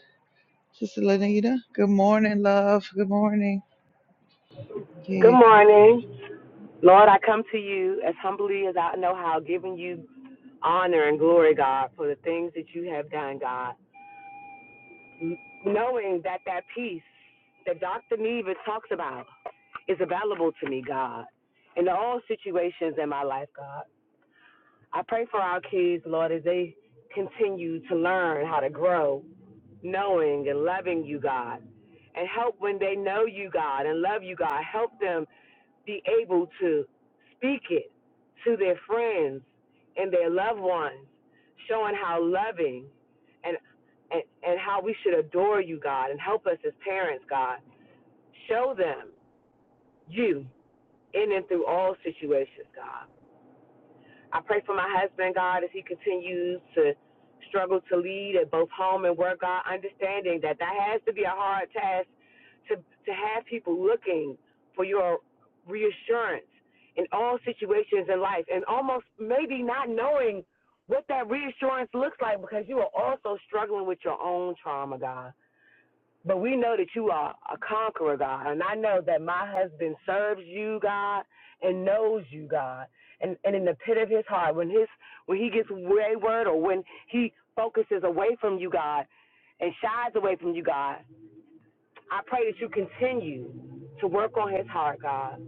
Sister Lenita. Good morning, love. Good morning.
Good
Yeah. God.
morning. Lord, I come to you as humbly as I know how, giving you honor and glory, God, for the things that you have done, God. Knowing that that peace that Dr. Neva talks about is available to me, God, in all situations in my life, God. I pray for our kids, Lord, as they continue to learn how to grow, knowing and loving you, God. And help when they know you, God, and love you, God. Help them be able to speak it to their friends and their loved ones, showing how loving and and, and how we should adore you, God, and help us as parents, God. Show them you in and through all situations, God. I pray for my husband, God, as he continues to struggle to lead at both home and work, God, understanding that that has to be a hard task to, to have people looking for your reassurance in all situations in life and almost maybe not knowing what that reassurance looks like because you are also struggling with your own trauma, God. But we know that you are a conqueror, God. And I know that my husband serves you, God, and knows you, God. And and in the pit of his heart, when his when he gets wayward or when he focuses away from you, God, and shies away from you, God, I pray that you continue to work on his heart, God.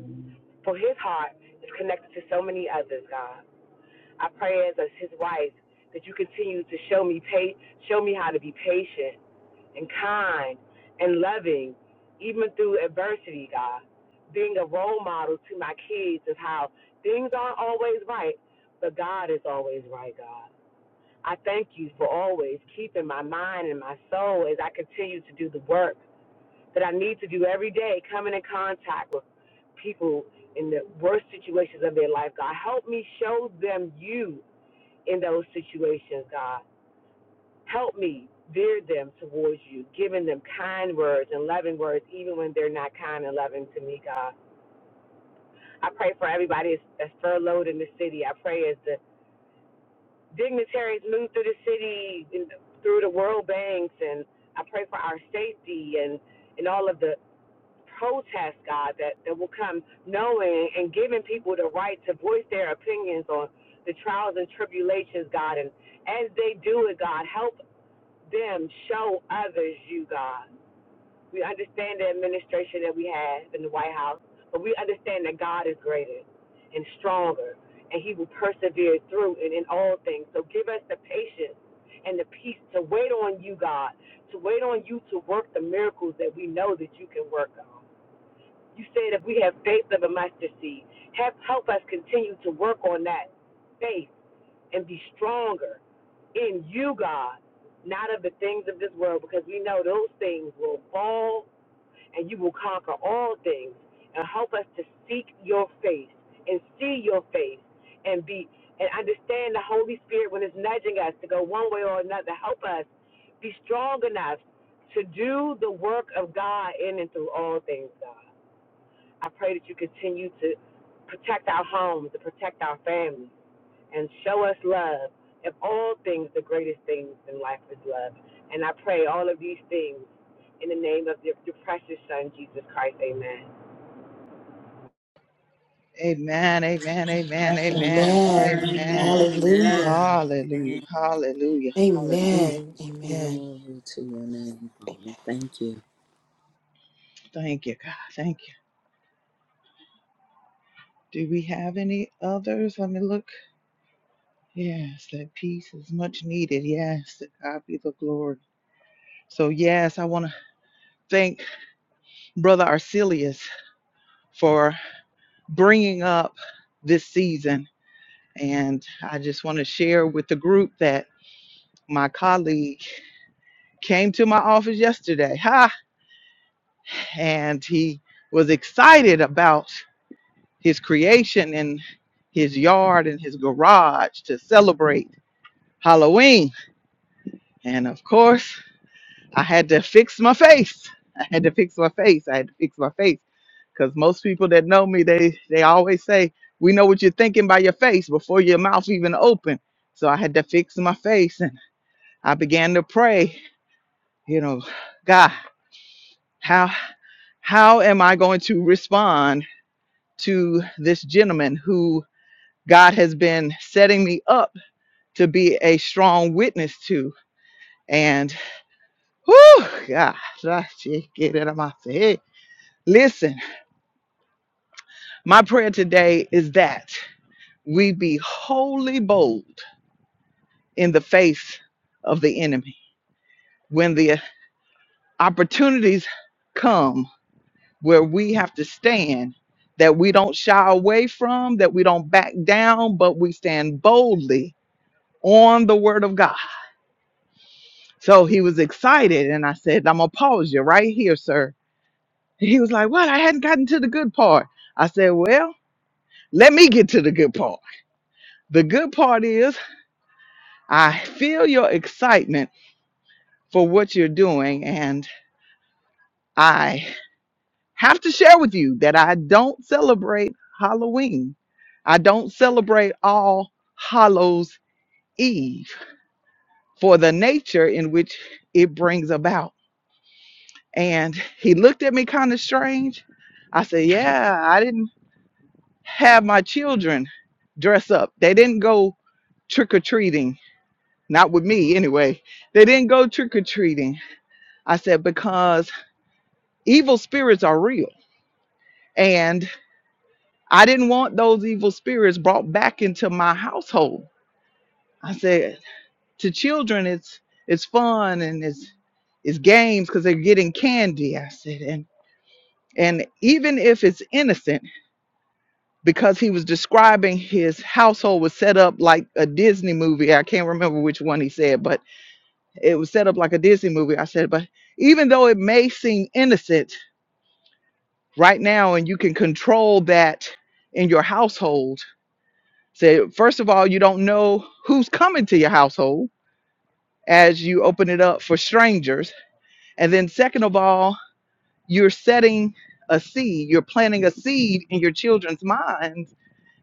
For his heart is connected to so many others, God. I pray as as his wife that you continue to show me pa- show me how to be patient and kind and loving, even through adversity, God. Being a role model to my kids is how things aren't always right, but God is always right, God. I thank you for always keeping my mind and my soul as I continue to do the work that I need to do every day, coming in contact with people in the worst situations of their life, God. Help me show them you in those situations, God. Help me veer them towards you, giving them kind words and loving words, even when they're not kind and loving to me, God. I pray for everybody that's that's furloughed in the city. I pray as the dignitaries move through the city, and through the world banks, and I pray for our safety and, and all of the protests, God, that, that will come knowing and giving people the right to voice their opinions on the trials and tribulations, God. And as they do it, God, help them show others you, God. We understand the administration that we have in the White House, but we understand that God is greater and stronger, and He will persevere through and in all things. So give us the patience and the peace to wait on you, God, to wait on you to work the miracles that we know that you can work on. You said if we have faith of a mustard seed, help, help us continue to work on that faith and be stronger in you, God, not of the things of this world, because we know those things will fall and you will conquer all things. And help us to seek your face and see your face and be and understand the Holy Spirit when it's nudging us to go one way or another. Help us be strong enough to do the work of God in and through all things, God. I pray that you continue to protect our homes, to protect our families and show us love. Of all things, the greatest things in life is love. And I pray all of these things in the name of your, your precious Son, Jesus Christ. Amen.
Amen. Amen. Amen. Amen.
Amen.
Amen.
Amen.
amen, amen.
Hallelujah.
Amen.
Hallelujah.
Thank-
Hallelujah. Hallelujah.
Amen. Amen.
Glory to your name, Father. Thank you.
Thank you, God. Thank you. Do we have any others? Let me look. Yes, that peace is much needed. Yes, to God be the glory. So, yes, I want to thank Brother Arcelius for bringing up this season. And I just want to share with the group that my colleague came to my office yesterday, ha, and he was excited about his creation in his yard and his garage to celebrate Halloween. And of course, I had to fix my face. I had to fix my face. I had to fix my face because most people that know me, they they always say, "We know what you're thinking by your face before your mouth even open." So I had to fix my face, and I began to pray. You know, God. How how am I going to respond to this gentleman who God has been setting me up to be a strong witness to? And whew, God, I should get it out of my head. Listen, my prayer today is that we be wholly bold in the face of the enemy when the opportunities come where we have to stand that we don't shy away from, that we don't back down, but we stand boldly on the word of God. So he was excited, and I said, I'm gonna pause you right here, sir. And he was like, What? I hadn't gotten to the good part. I said, Well, let me get to the good part. The good part is, I feel your excitement for what you're doing, and I have to share with you that I don't celebrate Halloween. I don't celebrate all Hallows Eve for the nature in which it brings about. And he looked at me kind of strange. I said, Yeah, I didn't have my children dress up. They didn't go trick or treating. Not with me, anyway. They didn't go trick or treating. I said, Because evil spirits are real. And I didn't want those evil spirits brought back into my household. I said to children, it's it's fun and it's it's games because they're getting candy. I said and and even if it's innocent, because he was describing his household was set up like a Disney movie. I can't remember which one he said, but it was set up like a Disney movie. I said, but even though it may seem innocent right now, and you can control that in your household Said, first of all, you don't know who's coming to your household as you open it up for strangers. And then, second of all, you're setting a seed, you're planting a seed in your children's minds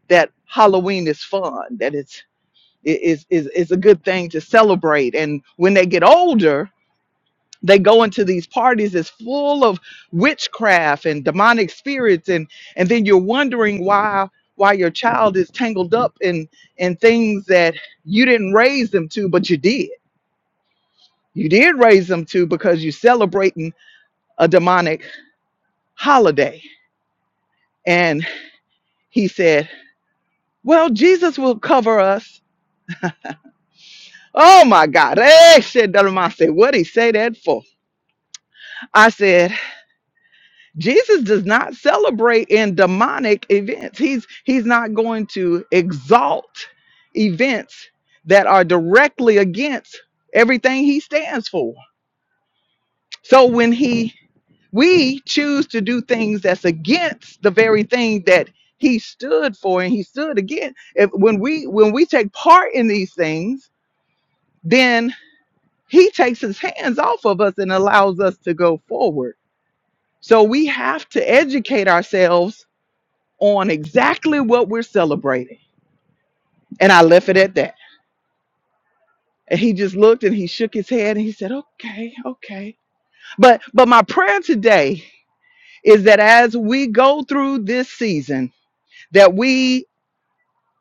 that Halloween is fun, that it's it is is is a good thing to celebrate. And when they get older, they go into these parties that's full of witchcraft and demonic spirits and and then you're wondering why why your child is tangled up in in things that you didn't raise them to but you did you did raise them to because you're celebrating a demonic holiday and he said well jesus will cover us oh my god hey shit, I said what he say that for i said Jesus does not celebrate in demonic events. He's he's not going to exalt events that are directly against everything he stands for. So when he we choose to do things that's against the very thing that he stood for and he stood against, if when we when we take part in these things, then he takes his hands off of us and allows us to go forward. So we have to educate ourselves on exactly what we're celebrating. And I left it at that. And he just looked and he shook his head and he said, "Okay, okay." But but my prayer today is that as we go through this season that we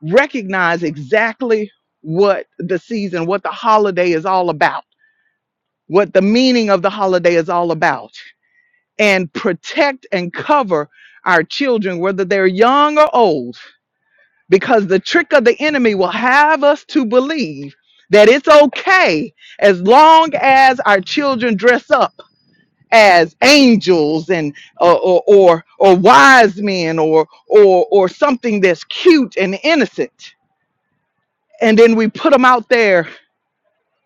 recognize exactly what the season, what the holiday is all about, what the meaning of the holiday is all about and protect and cover our children whether they're young or old because the trick of the enemy will have us to believe that it's okay as long as our children dress up as angels and uh, or, or or wise men or or or something that's cute and innocent and then we put them out there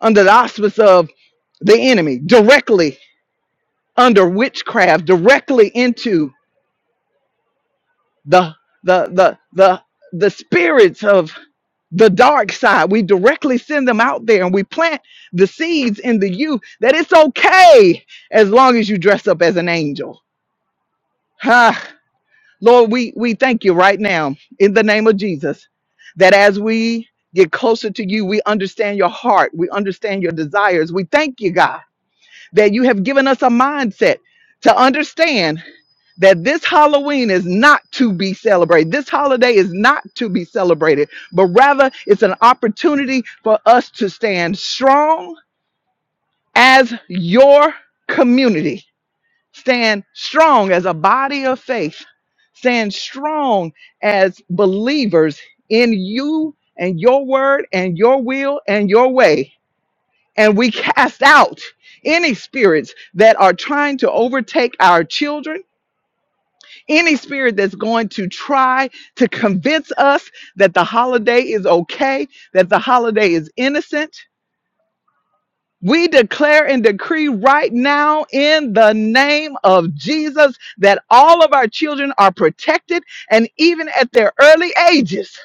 under the auspice of the enemy directly under witchcraft directly into the the the the the spirits of. the dark side. We directly send them out there and we plant the seeds in the youth that it's okay as long as you dress up as an angel. Ah, Lord, we, we thank you right now in the name of Jesus that as we get closer to you, we understand your heart, we understand your desires. We thank you, God, that you have given us a mindset to understand that this Halloween is not to be celebrated. This holiday is not to be celebrated, but rather it's an opportunity for us to stand strong as your community, stand strong as a body of faith, stand strong as believers in you and your word and your will and your way. And we cast out any spirits that are trying to overtake our children any spirit that's going to try to convince us that the holiday is okay, that the holiday is innocent. We declare and decree right now in the name of Jesus that all of our children are protected and even at their early ages,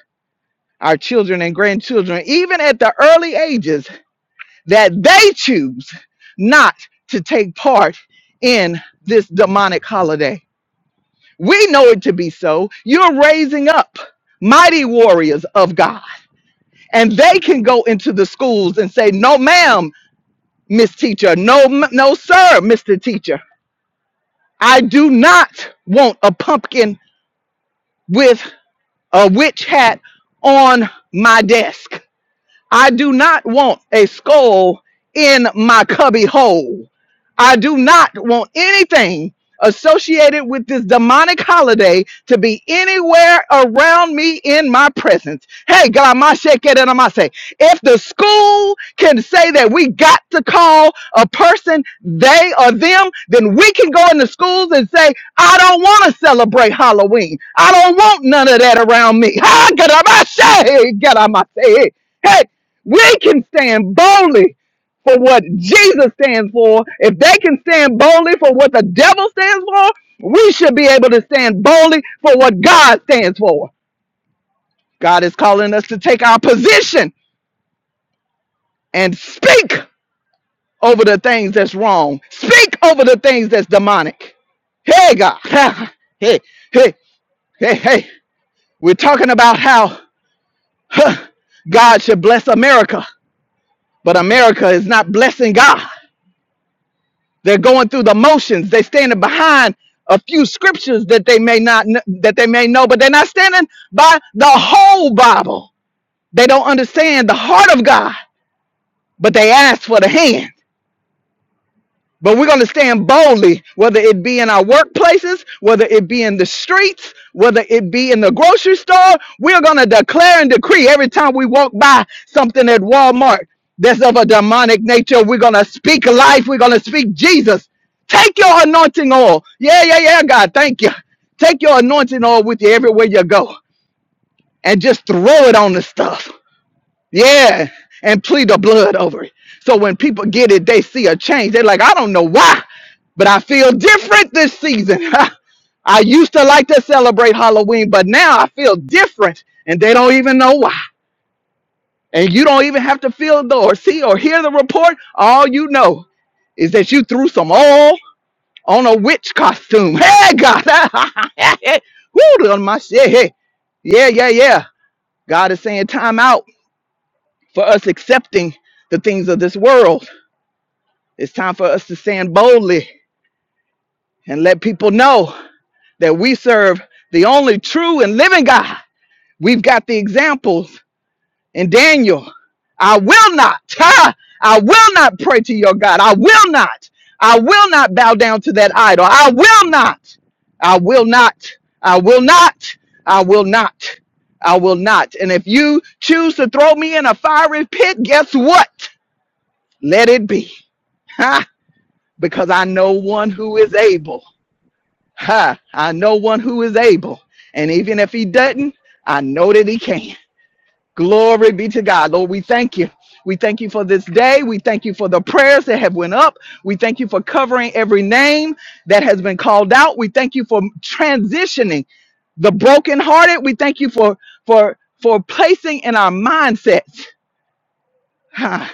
our children and grandchildren, even at the early ages, that they choose not to take part in this demonic holiday. We know it to be so. You're raising up mighty warriors of God, and they can go into the schools and say, "No, ma'am, Miss Teacher. No, m- no, sir, Mister Teacher. I do not want a pumpkin with a witch hat on my desk. I do not want a skull in my cubby hole. I do not want anything associated with this demonic holiday to be anywhere around me in my presence. Hey, Galamashekerenamase, if the school can say that we got to call a person they or them, then we can go into schools and say, I don't want to celebrate Halloween. I don't want none of that around me. Ha, Galamashe, Galamase. We can stand boldly for what Jesus stands for. If they can stand boldly for what the devil stands for, we should be able to stand boldly for what God stands for. God is calling us to take our position and speak over the things that's wrong, speak over the things that's demonic. Hey, God. [laughs] Hey, hey, hey, hey. We're talking about how huh, God should bless America, but America is not blessing God. They're going through the motions. They're standing behind a few scriptures that they may not kn- that they may know, but they're not standing by the whole Bible. They don't understand the heart of God, but they ask for the hand. But we're going to stand boldly, whether it be in our workplaces, whether it be in the streets, whether it be in the grocery store. We're going to declare and decree every time we walk by something at Walmart that's of a demonic nature. We're going to speak life. We're going to speak Jesus. Take your anointing oil. Yeah, yeah, yeah, God. Thank you. Take your anointing oil with you everywhere you go and just throw it on the stuff. Yeah, and plead the blood over it. So when people get it, they see a change. They're like, I don't know why, but I feel different this season. [laughs] I used to like to celebrate Halloween, but now I feel different, and they don't even know why. And you don't even have to feel the or see or hear the report. All you know is that you threw some oil on a witch costume. Hey, God. [laughs] Woo, my shit. Hey. Yeah, yeah, yeah. God is saying time out for us accepting the things of this world. It's time for us to stand boldly and let people know that we serve the only true and living God. We've got the examples in Daniel. I will not, [laughs] ha! I will not pray to your God. I will not. I will not bow down to that idol. I will not. I will not. I will not. I will not. I will not. And if you choose to throw me in a fiery pit, guess what? Let it be. Ha! Because I know one who is able. Ha! I know one who is able. And even if he doesn't, I know that he can. Glory be to God. Lord, we thank you. We thank you for this day. We thank you for the prayers that have went up. We thank you for covering every name that has been called out. We thank you for transitioning the brokenhearted. We thank you for for for placing in our mindsets ha,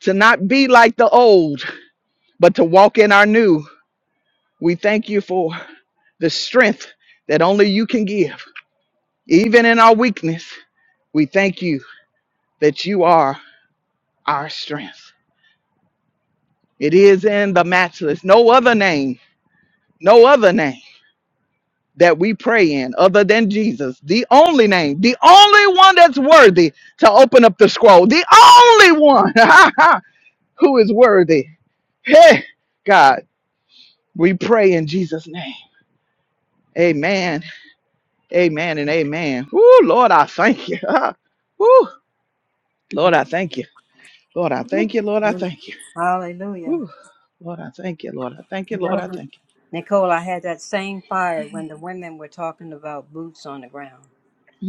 to not be like the old, but to walk in our new. We thank you for. the strength that only you can give. Even in our weakness, we thank you that you are our strength. It is in the matchless, no other name, no other name that we pray in other than Jesus, the only name, the only one that's worthy to open up the scroll, the only one [laughs] who is worthy. Hey, God, we pray in Jesus' name. Amen, amen, and amen. Ooh, Lord, I thank you. [laughs] Ooh, Lord, I thank you. Lord, I thank you. Lord, I thank you.
Hallelujah.
Whew. Lord, I thank you. Lord, I thank you.
You
Lord, I
know,
thank
Nicole, I had that same fire when the women were talking about boots on the ground.
you.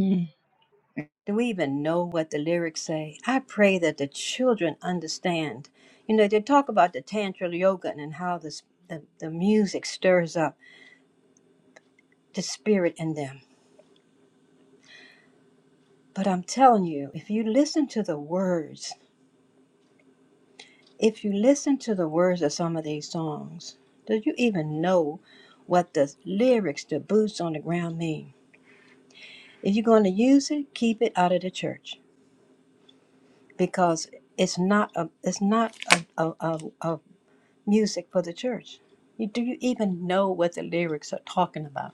Mm.
Do we even know what the lyrics say? I pray that the children understand. You know, they talk about the tantra yoga and how this, the, the music stirs up the spirit in them. But I'm telling you, if you listen to the words, if you listen to the words of some of these songs, do you even know what the lyrics, the boots on the ground mean? If you're going to use it, keep it out of the church because it's not a, it's not a, a, a, a music for the church. You, do you even know what the lyrics are talking about?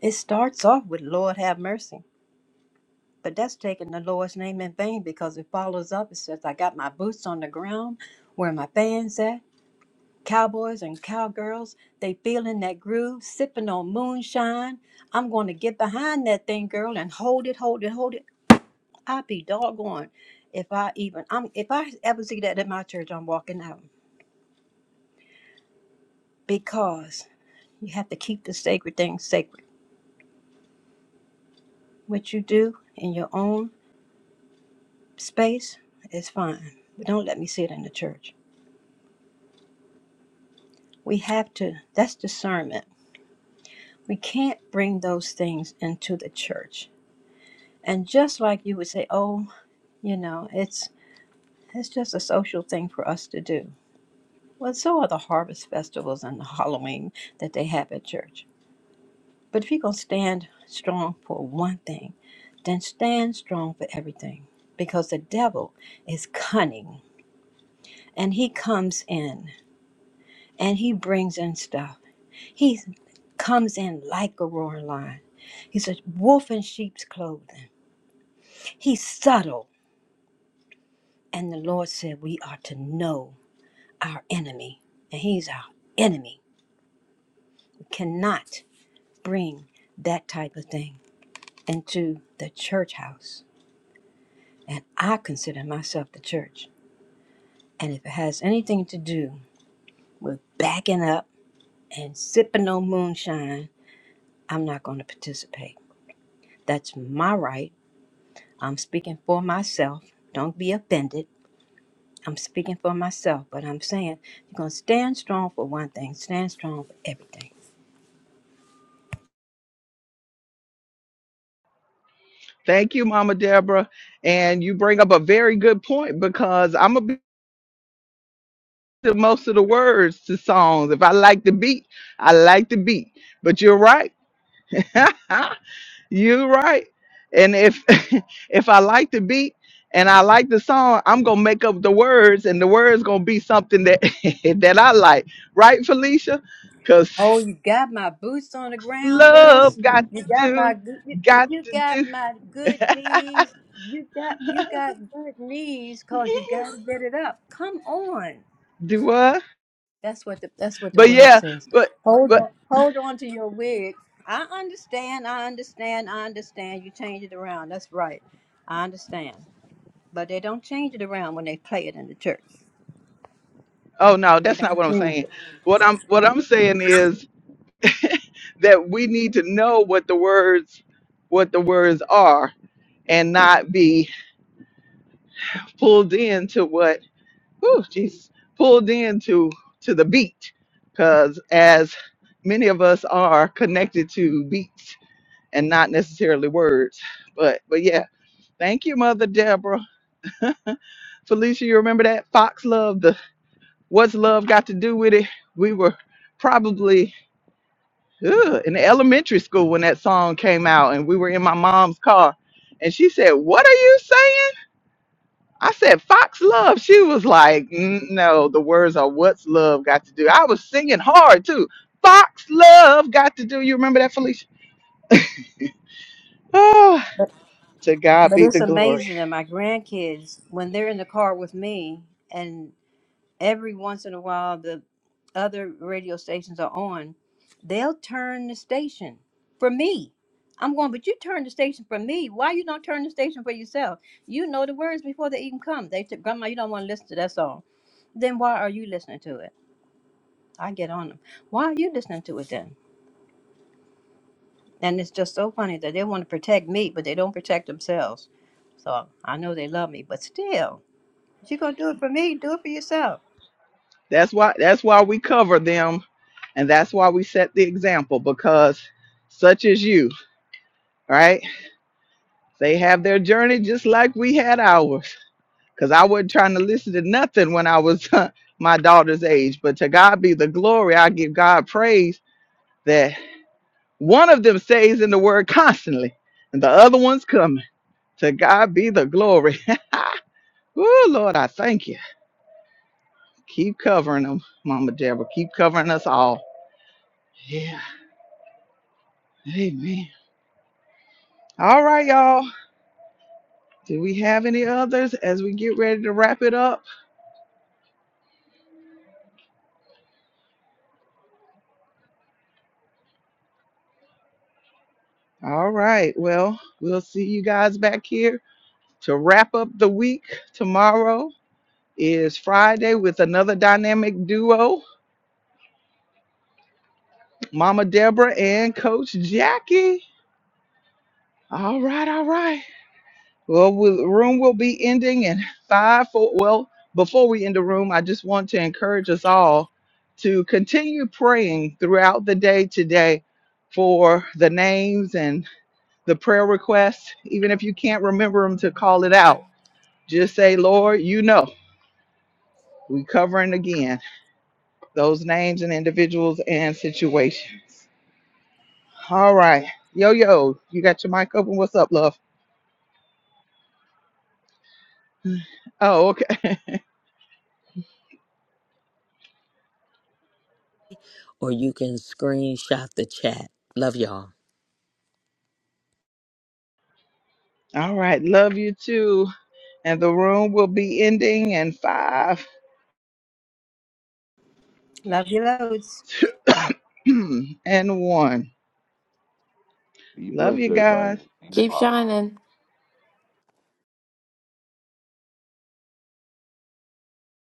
It starts off with Lord have mercy, but that's taking the Lord's name in vain because it follows up. It says, I got my boots on the ground where my fans at. Cowboys and cowgirls, they feeling that groove, sipping on moonshine. I'm going to get behind that thing, girl, and hold it, hold it, hold it. i be doggone if I even, I'm, if I ever see that at my church, I'm walking out because you have to keep the sacred things sacred What you do in your own space is fine, but don't let me see it in the church. We have to, that's discernment. We can't bring those things into the church. And just like you would say, oh, you know, it's it's just a social thing for us to do. Well, so are the harvest festivals and the [laughs] Halloween that they have at church. But if you're going to stand strong for one thing, then stand strong for everything because the devil is cunning and he comes in. and he brings in stuff. He comes in like a roaring lion. He's a wolf in sheep's clothing. He's subtle. And the Lord said we are to know our enemy. And he's our enemy. We cannot bring that type of thing into the church house. And I consider myself the church. And if it has anything to do with backing up and sipping on moonshine, I'm not going to participate. That's my right I'm speaking for myself. Don't be offended. I'm speaking for myself, but I'm saying you're going to stand strong for one thing, stand strong for everything.
Thank you, Mama Deborah. And you bring up a very good point because I'm going to be to most of the words to songs. If I like the beat, I like the beat. But you're right. [laughs] you're right. And if [laughs] if I like the beat and I like the song, I'm gonna make up the words, and the words gonna be something that [laughs] that I like, right, Felicia? Because
Oh, you got my boots on the ground, girls.
Love got
You
to
got my
do,
good, you,
got
you
to
got
do.
my good knees. You got you got good knees cause you got to get it up. Come on.
Do what?
That's what the that's what the
But
word
yeah,
says.
but
Hold
but
on, hold on to your wig. I understand. I understand. I understand. You change it around. That's right. I understand. but they don't change it around when they play it in the church.
oh no,
They
that's not
don't
what I'm
change.
saying. What I'm what I'm saying is that we need to know what the words what the words are and not be pulled into what whew, Jesus pulled into to the beat because as many of us are connected to beats and not necessarily words but but yeah thank you mother deborah Felicia, you remember that Fox Love? The What's Love Got to Do with It? We were probably ugh, in elementary school when that song came out, and we were in my mom's car, and she said, "What are you saying?" I said, "Fox Love." She was like, "Mm, "No, the words are What's Love Got to Do." I was singing hard too. Fox Love Got to Do. You remember that, Felicia? Oh,
But
to God
but
be
it's
the glory.
amazing that my grandkids, when they're in the car with me, and every once in a while the other radio stations are on, they'll turn the station for me. I'm going, but you turn the station for me. Why you don't turn the station for yourself? You know the words before they even come. They said, Grandma, you don't want to listen to that song. Then why are you listening to it? I get on them. Why are you listening to it then? And it's just so funny that they want to protect me, but they don't protect themselves. So I know they love me, but still, if you're going to do it for me, do it for yourself.
That's why. That's why we cover them, and that's why we set the example because such as you. right? They have their journey just like we had ours. Because I wasn't trying to listen to nothing when I was [laughs] my daughter's age. But to God be the glory. I give God praise that one of them stays in the word constantly and the other one's coming. To God be the glory. [laughs] oh, Lord, I thank you. Keep covering them, Mama Deborah. Keep covering us all. Yeah. Amen. All right, y'all. Do we have any others as we get ready to wrap it up? All right. Well, we'll see you guys back here to wrap up the week. Tomorrow is Friday with another dynamic duo, Mama Deborah and Coach Jackie. All right. All right. Well, we- the room will be ending in five, four. Well, before we end the room, I just want to encourage us all to continue praying throughout the day today for the names and the prayer requests, even if you can't remember them to call it out Just say, Lord, you know. We covering again those names and individuals and situations. All right. Yo, yo, you got your mic open. What's up, love? Oh, okay.
Or you can screenshot the chat. Love y'all.
[laughs] All right. Love you too. And the room will be ending in five
Love you loads.
[coughs] and one. Love you guys.
Keep shining.